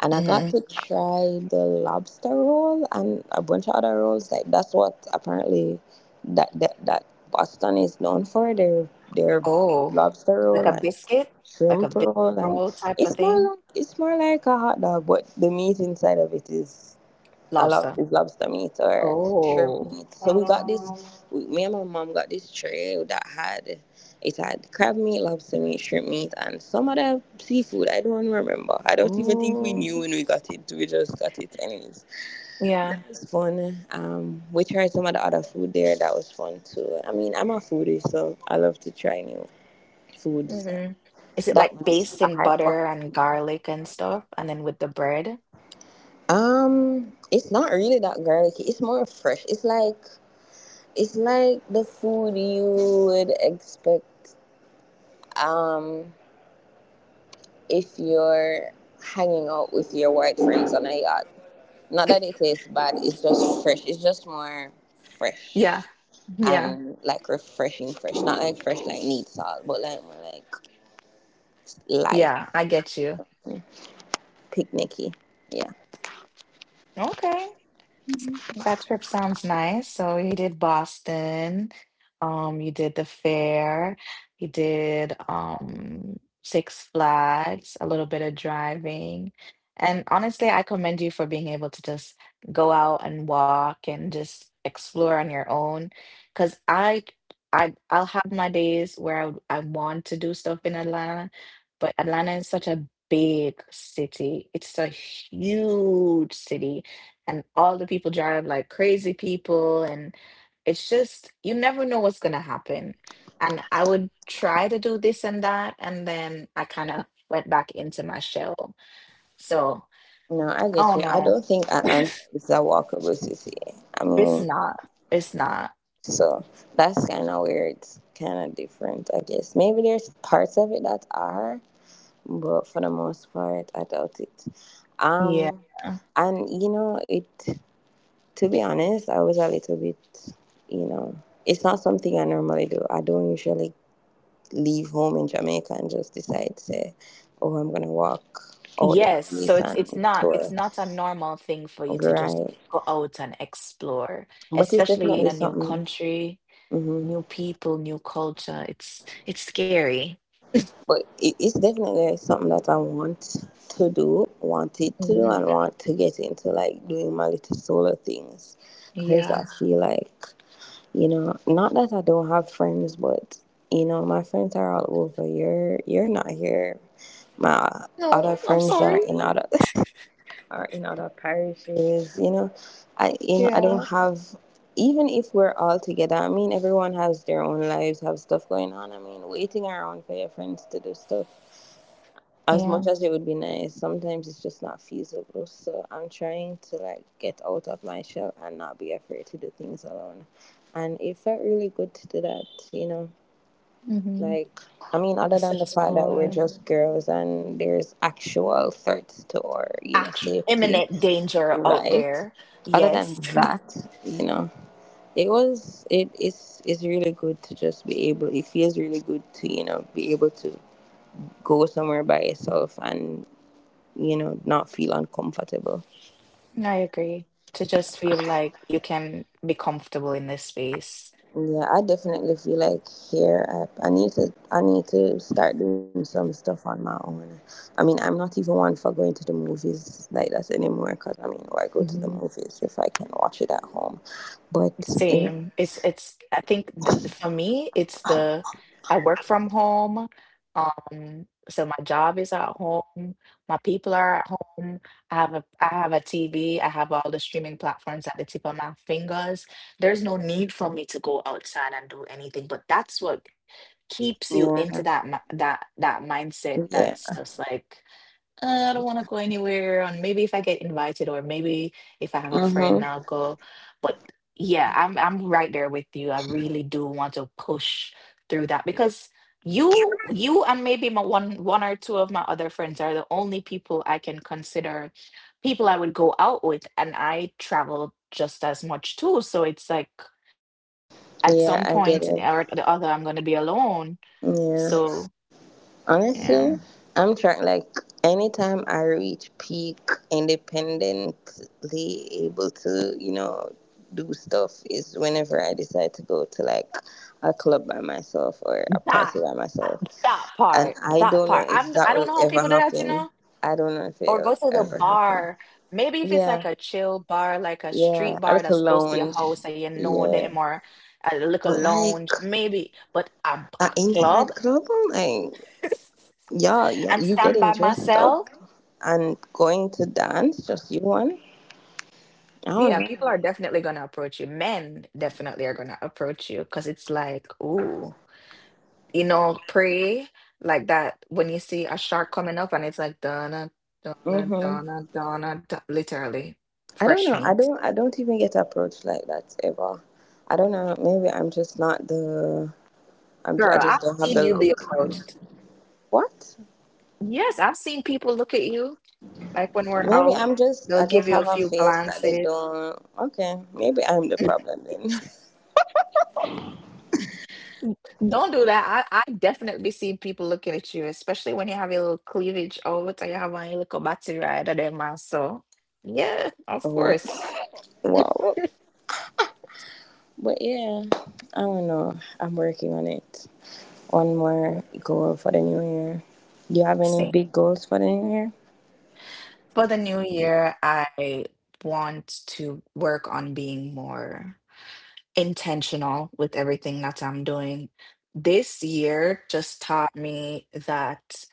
[SPEAKER 2] And I got
[SPEAKER 1] Hmm.
[SPEAKER 2] to try the lobster roll and a bunch of other rolls. Like that's what apparently that Boston is known for their
[SPEAKER 1] Oh,
[SPEAKER 2] lobster
[SPEAKER 1] like
[SPEAKER 2] roll
[SPEAKER 1] a
[SPEAKER 2] and
[SPEAKER 1] biscuit, like a
[SPEAKER 2] shrimp
[SPEAKER 1] biscuit
[SPEAKER 2] roll, and
[SPEAKER 1] roll type of thing.
[SPEAKER 2] it's more like a hot dog, but the meat inside of it is I love
[SPEAKER 1] Lobster.
[SPEAKER 2] is lobster meat or shrimp
[SPEAKER 1] Oh,
[SPEAKER 2] meat. So we got this. We, me and my mom got this tray that had it had crab meat, lobster meat, shrimp meat, and some other seafood. I don't remember. I don't even think we
[SPEAKER 1] oh,
[SPEAKER 2] knew when we got it. We just got it anyways. That
[SPEAKER 1] yeah.
[SPEAKER 2] was fun. We tried some of the other food there. That was fun too. I mean, I'm a foodie, so I love to try new foods. And
[SPEAKER 1] Hmm. Is it
[SPEAKER 2] that
[SPEAKER 1] like
[SPEAKER 2] was
[SPEAKER 1] based
[SPEAKER 2] a
[SPEAKER 1] in
[SPEAKER 2] high point
[SPEAKER 1] butter and
[SPEAKER 2] for me.
[SPEAKER 1] garlic and stuff, and then with the bread?
[SPEAKER 2] It's not really that garlicky. It's more fresh. It's like it's like the food you would expect um, if you're hanging out with your white friends on a yacht. Not that it tastes bad, it's just fresh. It's just more
[SPEAKER 1] Yeah,
[SPEAKER 2] fresh
[SPEAKER 1] yeah,
[SPEAKER 2] and like refreshing fresh. Not like fresh like need salt, but like more like light,
[SPEAKER 1] yeah. I get you.
[SPEAKER 2] picnicky. Yeah.
[SPEAKER 1] Okay, that trip sounds nice. So you did Boston, you did the fair, you did Six Flags, a little bit of driving. And honestly, I commend you for being able to just go out and walk and just explore on your own. Because I, I'll have my days where I, would- I want to do stuff in Atlanta, but Atlanta is such a big city. It's a huge city, and all the people drive like crazy people, and it's just you never know what's gonna happen, and I would try to do this and that, and then I kind of went back into my shell. So
[SPEAKER 2] No, I
[SPEAKER 1] I
[SPEAKER 2] get
[SPEAKER 1] don't
[SPEAKER 2] you. I
[SPEAKER 1] know,
[SPEAKER 2] don't think Atlanta is a walkable city. I
[SPEAKER 1] it's
[SPEAKER 2] mean,
[SPEAKER 1] not it's not
[SPEAKER 2] so that's kind of where it's kind of different, I guess. Maybe there's parts of it that are. But for the most part, I doubt it.
[SPEAKER 1] yeah.
[SPEAKER 2] Um, and you know, it. To be honest, I was a little bit, you know, it's not something I normally do. I don't usually leave home in Jamaica and just decide, say, oh, I'm gonna walk out the
[SPEAKER 1] Yes, so
[SPEAKER 2] place
[SPEAKER 1] it's it's
[SPEAKER 2] and
[SPEAKER 1] not it's
[SPEAKER 2] tour,
[SPEAKER 1] not a normal thing for you to just
[SPEAKER 2] right?
[SPEAKER 1] go out and explore,
[SPEAKER 2] But it's
[SPEAKER 1] especially in
[SPEAKER 2] definitely
[SPEAKER 1] a new
[SPEAKER 2] something.
[SPEAKER 1] country,
[SPEAKER 2] hmm
[SPEAKER 1] new people, new culture. It's scary.
[SPEAKER 2] But it's definitely something that I want to do, wanted to do,
[SPEAKER 1] Mhm.
[SPEAKER 2] and want to get into, like doing my little solo things because
[SPEAKER 1] Yeah.
[SPEAKER 2] I feel like, not that I don't have friends, but my friends are all over. You're not here. My other
[SPEAKER 1] No, I'm
[SPEAKER 2] friends are
[SPEAKER 1] sorry.
[SPEAKER 2] in other [LAUGHS] are in other parishes. You know I
[SPEAKER 1] Yeah.
[SPEAKER 2] don't have. Even if we're all together, I mean, everyone has their own lives, have stuff going on. I mean, waiting around for your friends to do stuff as
[SPEAKER 1] Yeah.
[SPEAKER 2] much as it would be nice, sometimes it's just not feasible. So I'm trying to like get out of my shell and not be afraid to do things alone, and it felt really good to do that, you know.
[SPEAKER 1] Hmm.
[SPEAKER 2] Like, I mean, other
[SPEAKER 1] Just
[SPEAKER 2] than the fact that we're
[SPEAKER 1] explore,
[SPEAKER 2] just girls and there's actual threats to our, you know,
[SPEAKER 1] act-
[SPEAKER 2] safety,
[SPEAKER 1] imminent danger out
[SPEAKER 2] right?
[SPEAKER 1] there.
[SPEAKER 2] Other
[SPEAKER 1] Yes.
[SPEAKER 2] than that, you know, it was it is it's really good to just be able. It feels really good to you know be able to go somewhere by yourself and you know, not feel uncomfortable.
[SPEAKER 1] [LAUGHS] I agree. To just feel like you can be comfortable in this space.
[SPEAKER 2] Yeah, I definitely feel like here I need to start doing some stuff on my own. I mean, I'm not even one for going to the movies like that anymore because I mean, why go to the movies if I can watch it at home? But you
[SPEAKER 1] Same. It's I think th for me it's the I work from home. So my job is at home, my people are at home. I have a TV, I have all the streaming platforms at the tip of my fingers. There's no need for me to go outside and do anything, but that's what keeps you into
[SPEAKER 2] know, yeah,
[SPEAKER 1] that mi- that that mindset that's
[SPEAKER 2] yeah,
[SPEAKER 1] just like, I don't want to go anywhere. And maybe if I get invited, or maybe if I have a
[SPEAKER 2] mhm,
[SPEAKER 1] friend, I'll go. But yeah, I'm right there with you. I really do want to push through that because you and maybe my one or two of my other friends are the only people I can consider people I would go out with, and I travel just as much too. So it's like at some point
[SPEAKER 2] yeah, I
[SPEAKER 1] or
[SPEAKER 2] get
[SPEAKER 1] the
[SPEAKER 2] it.
[SPEAKER 1] other, I'm going to be alone.
[SPEAKER 2] Yeah.
[SPEAKER 1] So yeah.
[SPEAKER 2] Honestly, I'm trying like anytime I reach peak independently able to, you know, do stuff is whenever I decide to go to like a club by myself or a party
[SPEAKER 1] That
[SPEAKER 2] by
[SPEAKER 1] that
[SPEAKER 2] myself.
[SPEAKER 1] part,
[SPEAKER 2] And
[SPEAKER 1] that part.
[SPEAKER 2] I
[SPEAKER 1] I'm
[SPEAKER 2] don't know
[SPEAKER 1] I don't
[SPEAKER 2] if
[SPEAKER 1] know how
[SPEAKER 2] that
[SPEAKER 1] people
[SPEAKER 2] will
[SPEAKER 1] do that, you
[SPEAKER 2] ever
[SPEAKER 1] know,
[SPEAKER 2] happen. I don't know
[SPEAKER 1] or
[SPEAKER 2] if
[SPEAKER 1] go to
[SPEAKER 2] it'll
[SPEAKER 1] the
[SPEAKER 2] ever
[SPEAKER 1] bar.
[SPEAKER 2] happen.
[SPEAKER 1] Maybe if it's like a
[SPEAKER 2] Yeah,
[SPEAKER 1] chill bar, like a street
[SPEAKER 2] yeah.
[SPEAKER 1] bar
[SPEAKER 2] I like
[SPEAKER 1] that's
[SPEAKER 2] a
[SPEAKER 1] close to your
[SPEAKER 2] lounge.
[SPEAKER 1] house and you know them,
[SPEAKER 2] Yeah.
[SPEAKER 1] or a little
[SPEAKER 2] But
[SPEAKER 1] lounge,
[SPEAKER 2] like
[SPEAKER 1] maybe. But a
[SPEAKER 2] an
[SPEAKER 1] club
[SPEAKER 2] inside club, I'm like, yeah,
[SPEAKER 1] [LAUGHS]
[SPEAKER 2] yeah,
[SPEAKER 1] and
[SPEAKER 2] you
[SPEAKER 1] stand
[SPEAKER 2] getting
[SPEAKER 1] by
[SPEAKER 2] dressed up,
[SPEAKER 1] myself,
[SPEAKER 2] and going to dance, just you one. I don't
[SPEAKER 1] yeah,
[SPEAKER 2] know.
[SPEAKER 1] people are definitely gonna approach you. Men definitely are gonna approach you because it's like, ooh. You know, pray like that when you see a shark coming up and it's like, "Donna, Donna,
[SPEAKER 2] Mhm.
[SPEAKER 1] Donna, Donna, Do-" literally
[SPEAKER 2] I don't
[SPEAKER 1] fresh
[SPEAKER 2] know.
[SPEAKER 1] meat.
[SPEAKER 2] I don't even get approached like that ever. I don't know. Maybe I'm just not the. I
[SPEAKER 1] Girl, I've
[SPEAKER 2] just don't have
[SPEAKER 1] seen
[SPEAKER 2] the
[SPEAKER 1] you be
[SPEAKER 2] look.
[SPEAKER 1] approached.
[SPEAKER 2] What?
[SPEAKER 1] Yes, I've seen people look at you like when we're
[SPEAKER 2] Maybe
[SPEAKER 1] out,
[SPEAKER 2] I'm just. I
[SPEAKER 1] they'll give
[SPEAKER 2] just
[SPEAKER 1] you
[SPEAKER 2] have
[SPEAKER 1] a
[SPEAKER 2] a
[SPEAKER 1] few
[SPEAKER 2] face that they
[SPEAKER 1] glances.
[SPEAKER 2] don't. Okay. Maybe I'm the problem then.
[SPEAKER 1] Don't do that. I definitely see people looking at you, especially when you have your little cleavage out and you have a little battery right at them mouth. So, yeah,
[SPEAKER 2] [LAUGHS]
[SPEAKER 1] of
[SPEAKER 2] Oh,
[SPEAKER 1] course.
[SPEAKER 2] wow. But yeah, I don't know. I'm working on it. One more goal for the new year. Do you have any big goals for the new year?
[SPEAKER 1] For the new year, I want to work on being more intentional with everything that I'm doing. This year just taught me that,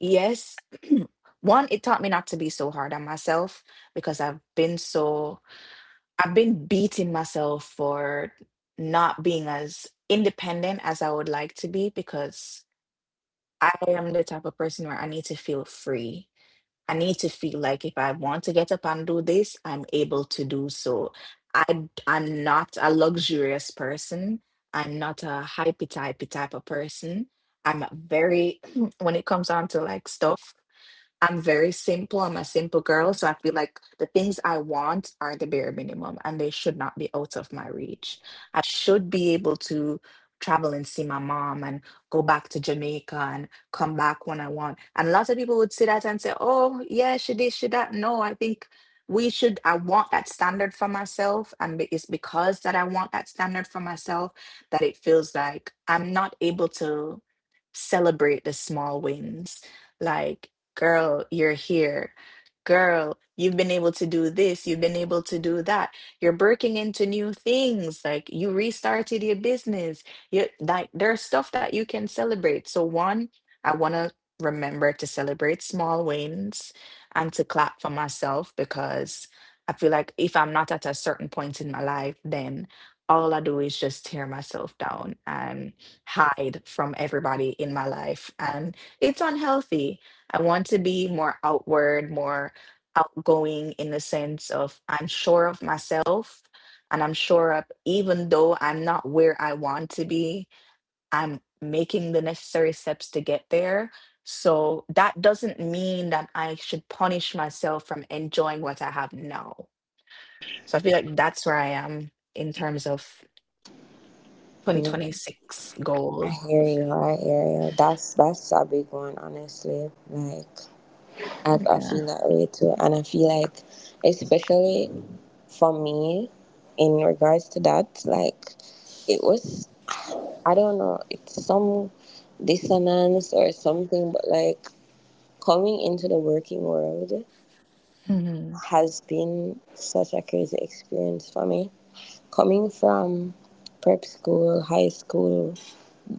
[SPEAKER 1] yes, [CLEARS THROAT] one, it taught me not to be so hard on myself, because I've been so, I've been beating myself for not being as independent as I would like to be, because I am the type of person where I need to feel free. I need to feel like if I want to get up and do this, I'm able to do so. I I'm not a luxurious person. I'm not a hypey typey type of person. I'm very [CLEARS THROAT] when it comes down to like stuff. I'm very simple. I'm a simple girl. So I feel like the things I want are the bare minimum and they should not be out of my reach. I should be able to travel and see my mom and go back to Jamaica and come back when I want. And lots of people would see that and say, oh, yeah, she did, she that. No, I think we should, I want that standard for myself. And be- it's because that I want that standard for myself that it feels like I'm not able to celebrate the small wins. Like, girl, you're here. Girl, you've been able to do this. You've been able to do that. You're breaking into new things. Like you restarted your business. You, like there's stuff that you can celebrate. So one, I want to remember to celebrate small wins and to clap for myself, because I feel like if I'm not at a certain point in my life, then all I do is just tear myself down and hide from everybody in my life. And it's unhealthy. I want to be more outward, more outgoing in the sense of I'm sure of myself and I'm sure of even though I'm not where I want to be, I'm making the necessary steps to get there. So that doesn't mean that I should punish myself from enjoying what I have now. So I feel like that's where I am in terms of
[SPEAKER 2] No.
[SPEAKER 1] 2026
[SPEAKER 2] I
[SPEAKER 1] goals.
[SPEAKER 2] hear you. I hear you. That's a big one, honestly. Like I
[SPEAKER 1] Yeah.
[SPEAKER 2] feel that way too, and I feel like, especially for me, in regards to that, like it was, I don't know, it's some dissonance or something, but like coming into the working world
[SPEAKER 1] Mhm.
[SPEAKER 2] has been such a crazy experience for me. Coming from prep school, high school,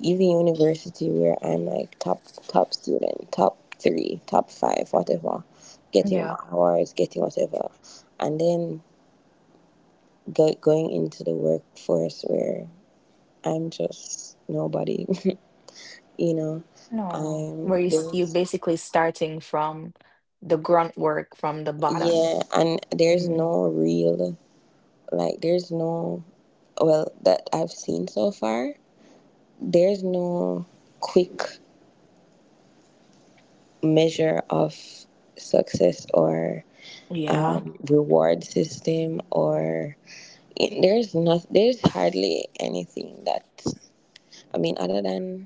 [SPEAKER 2] even university where I'm like top student, top three, top five, whatever, getting
[SPEAKER 1] Yeah.
[SPEAKER 2] my awards, getting whatever, and then going into the workforce where I'm just nobody, [LAUGHS] you know.
[SPEAKER 1] No,
[SPEAKER 2] I'm
[SPEAKER 1] where you s- you
[SPEAKER 2] there's
[SPEAKER 1] basically starting from the grunt work from the bottom.
[SPEAKER 2] Yeah, and there's
[SPEAKER 1] Mhm.
[SPEAKER 2] no real like there's no well that I've seen so far. There's no quick measure of success or
[SPEAKER 1] Yeah.
[SPEAKER 2] reward system or there's not there's hardly anything that I mean other than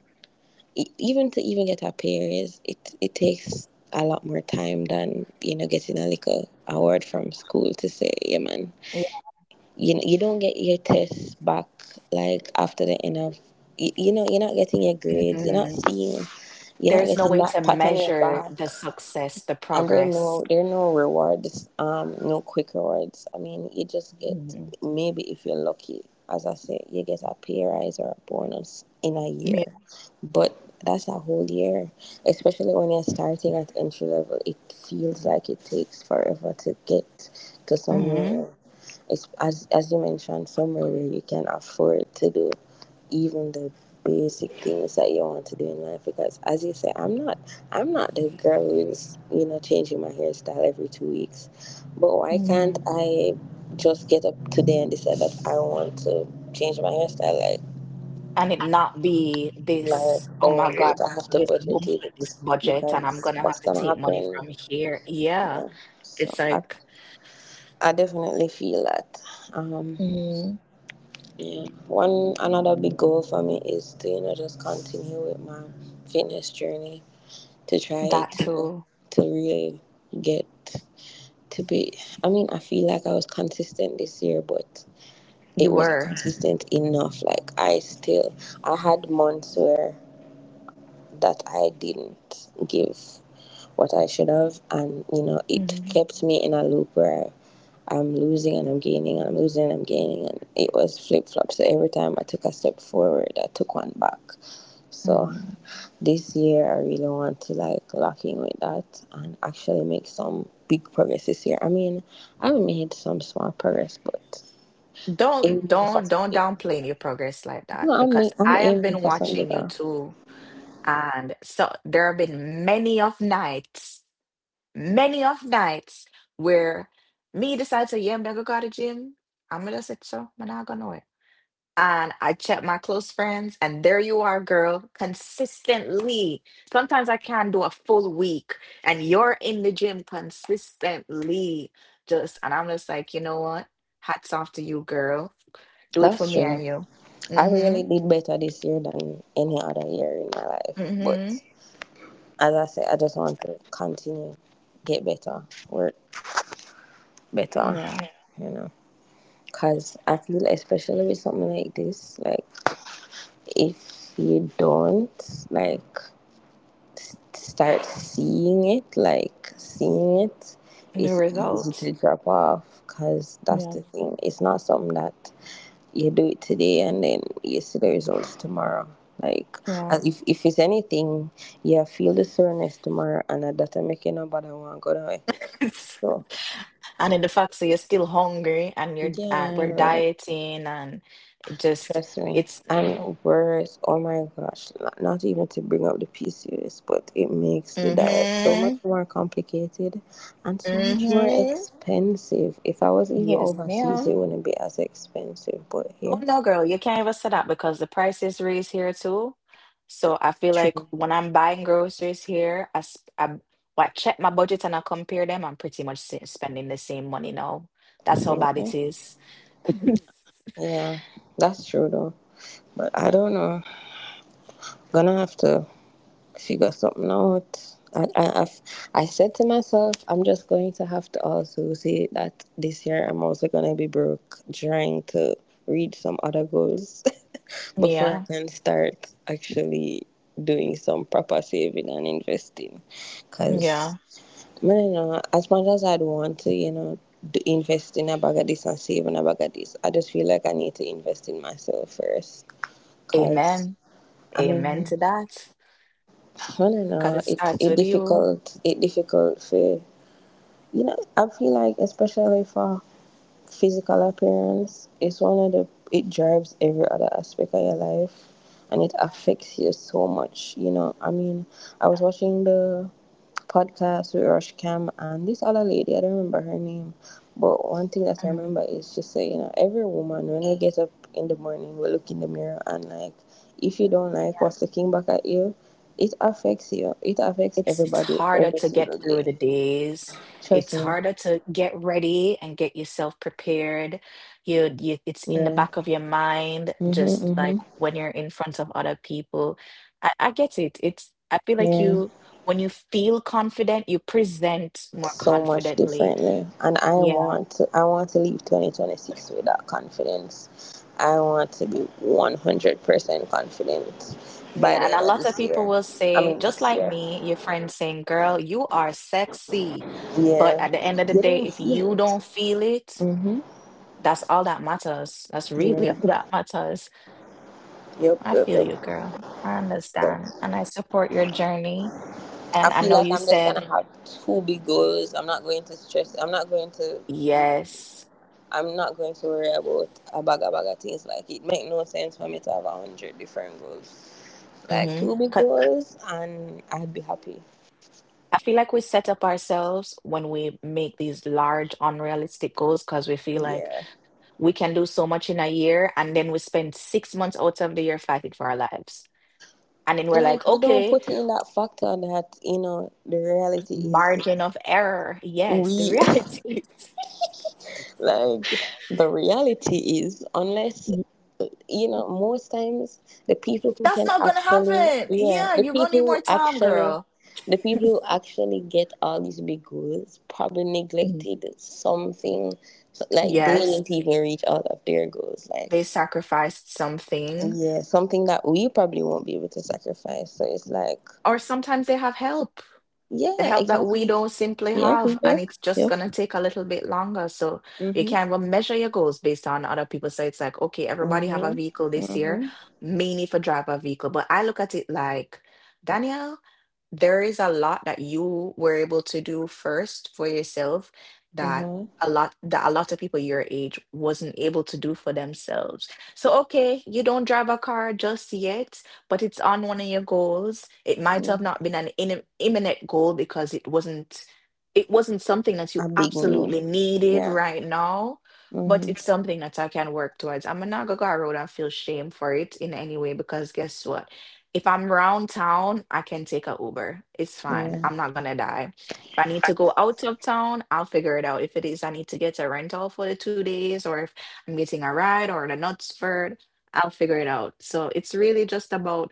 [SPEAKER 2] even to even get a pay raise it takes a lot more time than you know getting a little award from school to say yeah man, you know you don't get your tests back like after the end of you know you're not getting your grades, you're not
[SPEAKER 1] Hmm.
[SPEAKER 2] seeing, you're not
[SPEAKER 1] There's no
[SPEAKER 2] getting
[SPEAKER 1] way
[SPEAKER 2] that
[SPEAKER 1] to
[SPEAKER 2] pat on your
[SPEAKER 1] measure
[SPEAKER 2] back.
[SPEAKER 1] the success, the
[SPEAKER 2] And there are
[SPEAKER 1] progress.
[SPEAKER 2] no rewards, no quick rewards. I mean, you just get
[SPEAKER 1] Hmm.
[SPEAKER 2] maybe if you're lucky, as I say, you get a pay rise or a bonus in a
[SPEAKER 1] Yeah.
[SPEAKER 2] year, but that's a whole year. Especially when you're starting at entry level, it feels like it takes forever to get to somewhere.
[SPEAKER 1] Hmm.
[SPEAKER 2] It's as you mentioned, somewhere where you can afford to do even the basic things that you want to do in life. Because as you say, I'm not the girl who is, you know, changing my hairstyle every 2 weeks. But why can't
[SPEAKER 1] Hmm.
[SPEAKER 2] I just get up today and decide that I want to change my hairstyle? Like,
[SPEAKER 1] And it not be
[SPEAKER 2] like,
[SPEAKER 1] this, oh
[SPEAKER 2] oh
[SPEAKER 1] my God,
[SPEAKER 2] wait, I have
[SPEAKER 1] for
[SPEAKER 2] to
[SPEAKER 1] this boom
[SPEAKER 2] budget it
[SPEAKER 1] flip this budget, and I'm
[SPEAKER 2] because
[SPEAKER 1] gonna have
[SPEAKER 2] what's
[SPEAKER 1] to
[SPEAKER 2] gonna
[SPEAKER 1] take money
[SPEAKER 2] happen?
[SPEAKER 1] from here. Yeah.
[SPEAKER 2] Yeah. So
[SPEAKER 1] It's
[SPEAKER 2] I,
[SPEAKER 1] like
[SPEAKER 2] I definitely feel that. Um,
[SPEAKER 1] Mhm.
[SPEAKER 2] yeah. One another big goal for me is to you know just continue with my fitness journey to try
[SPEAKER 1] That
[SPEAKER 2] to
[SPEAKER 1] too.
[SPEAKER 2] to really get to be, I mean, I feel like I was consistent this year, but
[SPEAKER 1] You
[SPEAKER 2] it wasn't
[SPEAKER 1] were.
[SPEAKER 2] consistent enough. Like I still, I had months where that I didn't give what I should have, and you know it
[SPEAKER 1] Hmm.
[SPEAKER 2] kept me in a loop where I'm losing and I'm gaining and I'm losing and I'm gaining and it was flip flop. So every time I took a step forward, I took one back. So
[SPEAKER 1] Hmm.
[SPEAKER 2] this year I really want to like lock in with that and actually make some big progress this year. I mean, I've made some small progress, but aiming for some
[SPEAKER 1] Don't
[SPEAKER 2] bigger.
[SPEAKER 1] downplay your progress like
[SPEAKER 2] No,
[SPEAKER 1] that, because
[SPEAKER 2] I'm
[SPEAKER 1] I have
[SPEAKER 2] aiming
[SPEAKER 1] been
[SPEAKER 2] for some
[SPEAKER 1] watching you
[SPEAKER 2] bigger.
[SPEAKER 1] too, and so there have been many of nights where me decide to yeah, I'm gonna go to the gym. I'm gonna just say, so I'm not gonna it. And I check my close friends, and there you are, girl, consistently. Sometimes I can't do a full week, and you're in the gym consistently. Just and I'm just like, you know what? Hats off to you, girl, do it for
[SPEAKER 2] That's
[SPEAKER 1] me
[SPEAKER 2] true.
[SPEAKER 1] and you.
[SPEAKER 2] I
[SPEAKER 1] Mm-hmm.
[SPEAKER 2] really did better this year than any other year in my life, but
[SPEAKER 1] Mm-hmm.
[SPEAKER 2] as I say, I just want to continue, get better, work better,
[SPEAKER 1] Yeah.
[SPEAKER 2] you know. Cause I feel especially with something like this, like if you don't like start seeing it, like seeing it,
[SPEAKER 1] And the
[SPEAKER 2] it's easy
[SPEAKER 1] results.
[SPEAKER 2] to drop off. Cause that's
[SPEAKER 1] Yeah.
[SPEAKER 2] the thing. It's not something that you do it today and then you see the results tomorrow. Like
[SPEAKER 1] Yeah.
[SPEAKER 2] as
[SPEAKER 1] [LAUGHS]
[SPEAKER 2] if it's anything, you feel the soreness tomorrow and that doesn't make you no bother want to go away.
[SPEAKER 1] It's,
[SPEAKER 2] So
[SPEAKER 1] and in the fact that you're still hungry and you're
[SPEAKER 2] yeah,
[SPEAKER 1] we're
[SPEAKER 2] like.
[SPEAKER 1] dieting and it just
[SPEAKER 2] Trust me.
[SPEAKER 1] it's
[SPEAKER 2] And worse. Oh my gosh, not even to bring up the PCOS, but it makes the diet so
[SPEAKER 1] Mm-hmm.
[SPEAKER 2] much more complicated and so much more
[SPEAKER 1] Mm-hmm.
[SPEAKER 2] expensive. If I was even
[SPEAKER 1] Yes,
[SPEAKER 2] overseas,
[SPEAKER 1] ma'am.
[SPEAKER 2] it wouldn't be as expensive, but
[SPEAKER 1] Oh
[SPEAKER 2] here,
[SPEAKER 1] no, girl, you can't even say that because the prices is raised here too. So I feel like
[SPEAKER 2] true.
[SPEAKER 1] when I'm buying groceries here, I, I check my budget and I compare them. I'm pretty much spending the same money now. That's how bad it
[SPEAKER 2] Boy.
[SPEAKER 1] is. [LAUGHS]
[SPEAKER 2] Yeah, that's true though. But I don't know. Gonna have to figure something out. I said to myself, I'm just going to have to also say that this year I'm also going to be broke trying to reach some other goals [LAUGHS] before I
[SPEAKER 1] Yeah,
[SPEAKER 2] can start actually doing some proper saving and investing. Because,
[SPEAKER 1] yeah.
[SPEAKER 2] I don't know, as much as I'd want to, you know, invest in a bag of this and save in a bag of this, I just feel like I need to invest in myself first. Because,
[SPEAKER 1] Amen.
[SPEAKER 2] I
[SPEAKER 1] Amen
[SPEAKER 2] mean,
[SPEAKER 1] to that.
[SPEAKER 2] I don't
[SPEAKER 1] Because it
[SPEAKER 2] know. It
[SPEAKER 1] starts with
[SPEAKER 2] it
[SPEAKER 1] you.
[SPEAKER 2] difficult. It difficult for you know. I feel like especially for physical appearance is one of the it drives every other aspect of your life, and it affects you so much, you know. I mean, I was watching the podcast with Rush Cam and this other lady, I don't remember her name, but one thing
[SPEAKER 1] Mhm.
[SPEAKER 2] that I remember is she said, you know, every woman when we get up in the morning we look in the mirror, and like if you don't like what's looking back at you, it affects you, it affects
[SPEAKER 1] It's
[SPEAKER 2] everybody
[SPEAKER 1] harder
[SPEAKER 2] every
[SPEAKER 1] to get
[SPEAKER 2] single
[SPEAKER 1] through
[SPEAKER 2] day.
[SPEAKER 1] the days.
[SPEAKER 2] Trust
[SPEAKER 1] It's
[SPEAKER 2] me.
[SPEAKER 1] harder to get ready and get yourself prepared. You, it's in the
[SPEAKER 2] Yeah,
[SPEAKER 1] back of your mind,
[SPEAKER 2] mm-hmm,
[SPEAKER 1] just
[SPEAKER 2] mm-hmm,
[SPEAKER 1] like when you're in front of other people. I get it. It's I feel like
[SPEAKER 2] yeah,
[SPEAKER 1] you when you feel confident, you present more
[SPEAKER 2] so much
[SPEAKER 1] confidently.
[SPEAKER 2] differently. And I
[SPEAKER 1] Yeah.
[SPEAKER 2] want to, I want to leave 2026 with that confidence. I want to be 100% confident by
[SPEAKER 1] Yeah,
[SPEAKER 2] the
[SPEAKER 1] and
[SPEAKER 2] end
[SPEAKER 1] a
[SPEAKER 2] of
[SPEAKER 1] lot of
[SPEAKER 2] this
[SPEAKER 1] people
[SPEAKER 2] year,
[SPEAKER 1] will
[SPEAKER 2] I
[SPEAKER 1] say,
[SPEAKER 2] mean
[SPEAKER 1] just
[SPEAKER 2] next
[SPEAKER 1] like
[SPEAKER 2] year.
[SPEAKER 1] me, your friends saying, "Girl, you are sexy." But
[SPEAKER 2] Yeah,
[SPEAKER 1] at the end of the
[SPEAKER 2] you
[SPEAKER 1] day,
[SPEAKER 2] don't
[SPEAKER 1] if
[SPEAKER 2] feel
[SPEAKER 1] you
[SPEAKER 2] it.
[SPEAKER 1] don't feel it,
[SPEAKER 2] Mm-hmm,
[SPEAKER 1] that's all that matters. That's really [LAUGHS]
[SPEAKER 2] yeah,
[SPEAKER 1] all that matters.
[SPEAKER 2] yep,
[SPEAKER 1] I
[SPEAKER 2] yep,
[SPEAKER 1] feel
[SPEAKER 2] yep.
[SPEAKER 1] you, girl. I
[SPEAKER 2] So
[SPEAKER 1] understand, and I support your journey.
[SPEAKER 2] I
[SPEAKER 1] And I
[SPEAKER 2] feel
[SPEAKER 1] know
[SPEAKER 2] like
[SPEAKER 1] you
[SPEAKER 2] I'm just gonna
[SPEAKER 1] said
[SPEAKER 2] have two big goals. I'm not going to stress, I'm not going to,
[SPEAKER 1] yes.
[SPEAKER 2] I'm not going to worry about a bag of things. Like it make no sense for me to have a hundred different goals. Like
[SPEAKER 1] Mm-hmm.
[SPEAKER 2] two big goals and I'd be happy.
[SPEAKER 1] I feel like we set up ourselves when we make these large, unrealistic goals because we feel like
[SPEAKER 2] Yeah.
[SPEAKER 1] we can do so much in a year, and then we spend 6 months out of the year fighting for our lives. And then we're
[SPEAKER 2] Like
[SPEAKER 1] like,
[SPEAKER 2] we don't
[SPEAKER 1] okay,
[SPEAKER 2] put in that factor that, you know, the reality is
[SPEAKER 1] margin of error. Yes, the [LAUGHS]
[SPEAKER 2] we [LAUGHS]
[SPEAKER 1] reality is
[SPEAKER 2] like the reality is, unless you know, most times
[SPEAKER 1] that's not going to happen. Yeah,
[SPEAKER 2] the
[SPEAKER 1] you're going to
[SPEAKER 2] people
[SPEAKER 1] need
[SPEAKER 2] who
[SPEAKER 1] more time,
[SPEAKER 2] actually,
[SPEAKER 1] girl.
[SPEAKER 2] the people who actually get all these big goals probably
[SPEAKER 1] Mhm.
[SPEAKER 2] neglected something, like they
[SPEAKER 1] Yes,
[SPEAKER 2] didn't even reach all of their goals.
[SPEAKER 1] they
[SPEAKER 2] Like,
[SPEAKER 1] sacrificed something,
[SPEAKER 2] yeah, something that we probably won't be able to sacrifice. So it's like,
[SPEAKER 1] or sometimes they have help. The
[SPEAKER 2] yeah,
[SPEAKER 1] help that we
[SPEAKER 2] exactly.
[SPEAKER 1] don't simply
[SPEAKER 2] Yeah,
[SPEAKER 1] have,
[SPEAKER 2] yeah,
[SPEAKER 1] and it's just
[SPEAKER 2] yeah.
[SPEAKER 1] going to take a little bit longer. So you
[SPEAKER 2] Mhm.
[SPEAKER 1] can't even measure your goals based on other people. So it's like, okay, everybody have a
[SPEAKER 2] Mhm.
[SPEAKER 1] vehicle this year
[SPEAKER 2] Mhm.
[SPEAKER 1] mainly for drive a vehicle, but I look at it like, Danielle, there is a lot that you were able to do first for yourself, that
[SPEAKER 2] Mhm.
[SPEAKER 1] that a lot of people your age wasn't able to do for themselves. So okay, you don't drive a car just yet, but it's on one of your goals. It might have not been an imminent goal because it wasn't something that you
[SPEAKER 2] A big
[SPEAKER 1] absolutely
[SPEAKER 2] need.
[SPEAKER 1] needed
[SPEAKER 2] Yeah.
[SPEAKER 1] right now, but
[SPEAKER 2] Hmm.
[SPEAKER 1] it's something that I can work towards. I'm not gonna go around and feel shame for it in any way, because guess what? If I'm round town, I can take a Uber. It's fine.
[SPEAKER 2] Yeah.
[SPEAKER 1] I'm not gonna die. If I need to go out of town, I'll figure it out. If it is I need to get a rental for the 2 days, or if I'm getting a ride or the nuts for I'll figure it out. So it's really just about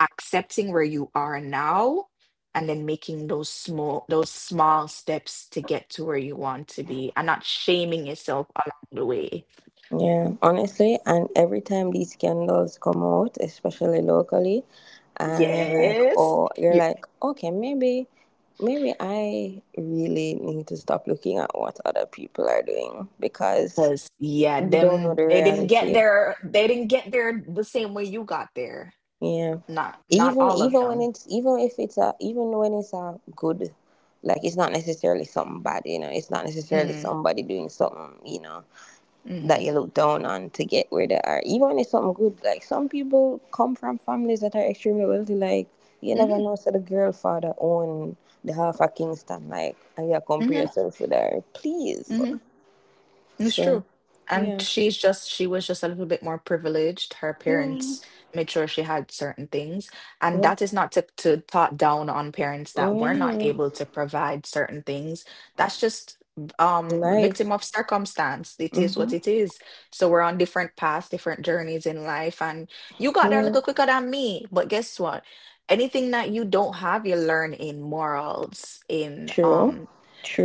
[SPEAKER 1] accepting where you are now and then making those small steps to get to where you want to be and not shaming yourself along the way.
[SPEAKER 2] Yeah. Honestly, and every time these scandals come out, especially locally, and you're like,
[SPEAKER 1] Yes,
[SPEAKER 2] oh, you're like, okay, maybe, maybe I really need to stop looking at what other people are doing because
[SPEAKER 1] because yeah,
[SPEAKER 2] you don't know
[SPEAKER 1] them
[SPEAKER 2] the
[SPEAKER 1] they didn't get
[SPEAKER 2] reality.
[SPEAKER 1] there. They didn't get there the same way you got there.
[SPEAKER 2] Yeah.
[SPEAKER 1] Not, not
[SPEAKER 2] Even
[SPEAKER 1] all of
[SPEAKER 2] even when
[SPEAKER 1] them.
[SPEAKER 2] it's even if it's a even when it's a good, like it's not necessarily something bad. You know, it's not necessarily
[SPEAKER 1] Mm-hmm,
[SPEAKER 2] somebody doing something. You know that
[SPEAKER 1] mm-hmm,
[SPEAKER 2] you look down on to get where they are, even when it's something good. Like some people come from families that are extremely wealthy. Like you never
[SPEAKER 1] mm-hmm,
[SPEAKER 2] know, so the girl father own the half of Kingston, like, and you compare
[SPEAKER 1] mm-hmm,
[SPEAKER 2] yourself with her, please.
[SPEAKER 1] mm-hmm. It's
[SPEAKER 2] So,
[SPEAKER 1] true. And
[SPEAKER 2] yeah,
[SPEAKER 1] she's just, she was just a little bit more privileged. Her
[SPEAKER 2] yeah,
[SPEAKER 1] parents made sure she had certain things. And
[SPEAKER 2] yeah,
[SPEAKER 1] that is not to talk down on parents that were not
[SPEAKER 2] yeah.
[SPEAKER 1] able to provide certain things. That's just
[SPEAKER 2] Life.
[SPEAKER 1] victim of circumstance. It is what
[SPEAKER 2] Mm-hmm.
[SPEAKER 1] it is. So we're on different paths, different journeys in life. And you got there a
[SPEAKER 2] Yeah,
[SPEAKER 1] little quicker than me. But guess what? Anything that you don't have, you learn in morals, in
[SPEAKER 2] true,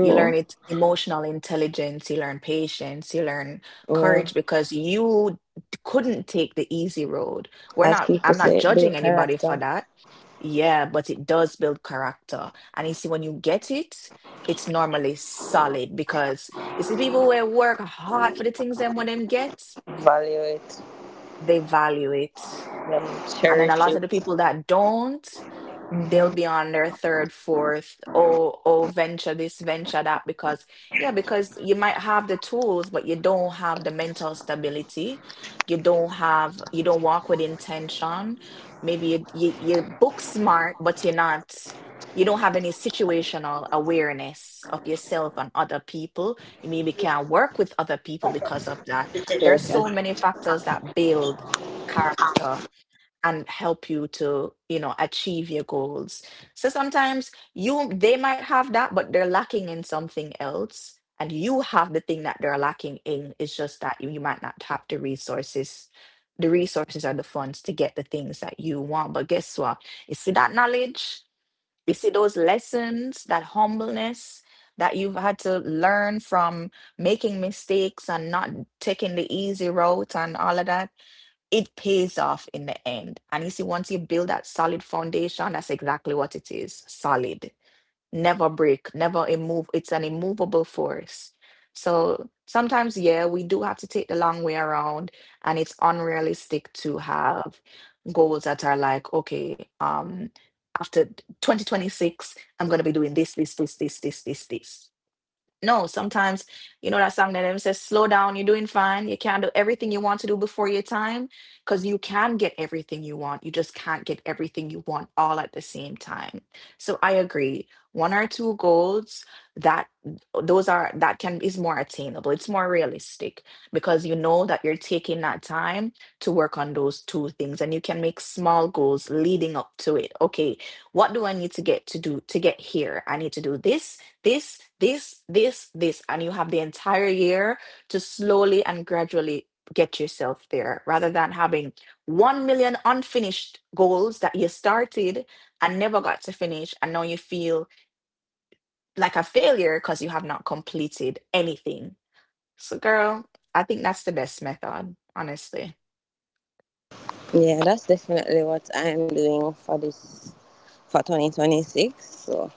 [SPEAKER 1] you learn it emotional intelligence, you learn patience, you learn
[SPEAKER 2] Yeah,
[SPEAKER 1] courage, because you couldn't take the easy road. We're
[SPEAKER 2] as
[SPEAKER 1] not,
[SPEAKER 2] people
[SPEAKER 1] I'm not
[SPEAKER 2] say,
[SPEAKER 1] judging
[SPEAKER 2] build
[SPEAKER 1] anybody for
[SPEAKER 2] character,
[SPEAKER 1] that. Yeah, but it does build character. And you see, when you get it, it's normally solid because you see people who work hard for the things them, when them get,
[SPEAKER 2] value it,
[SPEAKER 1] they value it.
[SPEAKER 2] and
[SPEAKER 1] And then a
[SPEAKER 2] cherish
[SPEAKER 1] lot
[SPEAKER 2] it.
[SPEAKER 1] of the people that don't, they'll
[SPEAKER 2] Mm-hmm.
[SPEAKER 1] be on their third, fourth, venture this, venture that, because, yeah, because you might have the tools, but you don't have the mental stability. You don't walk with intention. Maybe you're book smart, but you're not, you don't have any situational awareness of yourself and other people. You maybe can't work with other people because of that. There are so many factors that build character and help you to, you know, achieve your goals. So sometimes you they might have that, but they're lacking in something else, and you have the thing that they're lacking in. It's just that you might not have the resources or the funds to get the things that you want. But guess what, you see that knowledge, you see those lessons, that humbleness that you've had to learn from making mistakes and not taking the easy route and all of that, it pays off in the end. And you see, once you build that solid foundation, that's exactly what it is, solid, never break, never immove. It's an immovable force. So sometimes, yeah, we do have to take the long way around, and it's unrealistic to have goals that are like, okay, after 2026 I'm going to be doing this, this, this, this, this, this, this. No, sometimes, you know that song that them says, slow down, you're doing fine. You can't do everything you want to do before your time, because you can get everything you want. You just can't get everything you want all at the same time. So I agree. One or two goals, that those are that can is more attainable. It's more realistic because you know that you're taking that time to work on those 2 things, and you can make small goals leading up to it. Okay, what do I need to get to do to get here? I need to do this, this, this, this, this, and you have the entire year to slowly and gradually get yourself there, rather than having 1 million unfinished goals that you started and never got to finish. And now you feel like a failure because you have not completed anything. So, girl, I think that's the best method, honestly.
[SPEAKER 2] Yeah, that's definitely what I'm doing for this for 2026. So,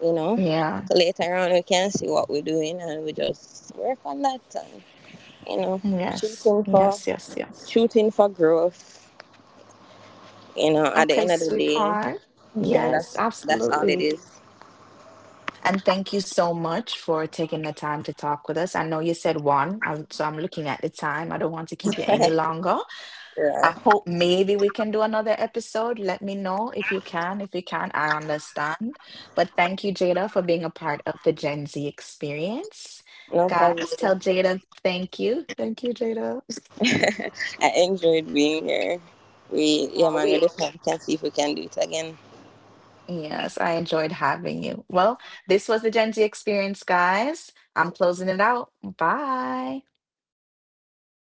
[SPEAKER 2] you know,
[SPEAKER 1] Yeah.
[SPEAKER 2] like, later on we can see what we're doing and we just work on that and you know,
[SPEAKER 1] Yes.
[SPEAKER 2] shooting for
[SPEAKER 1] Yes. Yes. Yes.
[SPEAKER 2] shooting for growth. You know, at the
[SPEAKER 1] Okay,
[SPEAKER 2] end of the day,
[SPEAKER 1] sweetheart.
[SPEAKER 2] yeah,
[SPEAKER 1] Yes,
[SPEAKER 2] that's all it
[SPEAKER 1] absolutely.
[SPEAKER 2] is.
[SPEAKER 1] And thank you so much for taking the time to talk with us. I know you said one, I so I'm looking at the time. I don't want to keep you any
[SPEAKER 2] [LAUGHS]
[SPEAKER 1] longer.
[SPEAKER 2] Yeah,
[SPEAKER 1] I hope maybe we can do another episode. Let me know if you can. If you can, I understand. But thank you, Jada, for being a part of the Gen Z experience.
[SPEAKER 2] no problem.
[SPEAKER 1] Guys, tell Jada thank you. Thank you, Jada.
[SPEAKER 2] I enjoyed being here. We yeah
[SPEAKER 1] Aw,
[SPEAKER 2] man, we
[SPEAKER 1] we
[SPEAKER 2] definitely can see if we can do it again.
[SPEAKER 1] yes, I enjoyed having you. Well, this was the Gen Z experience, guys. I'm closing it out. Bye.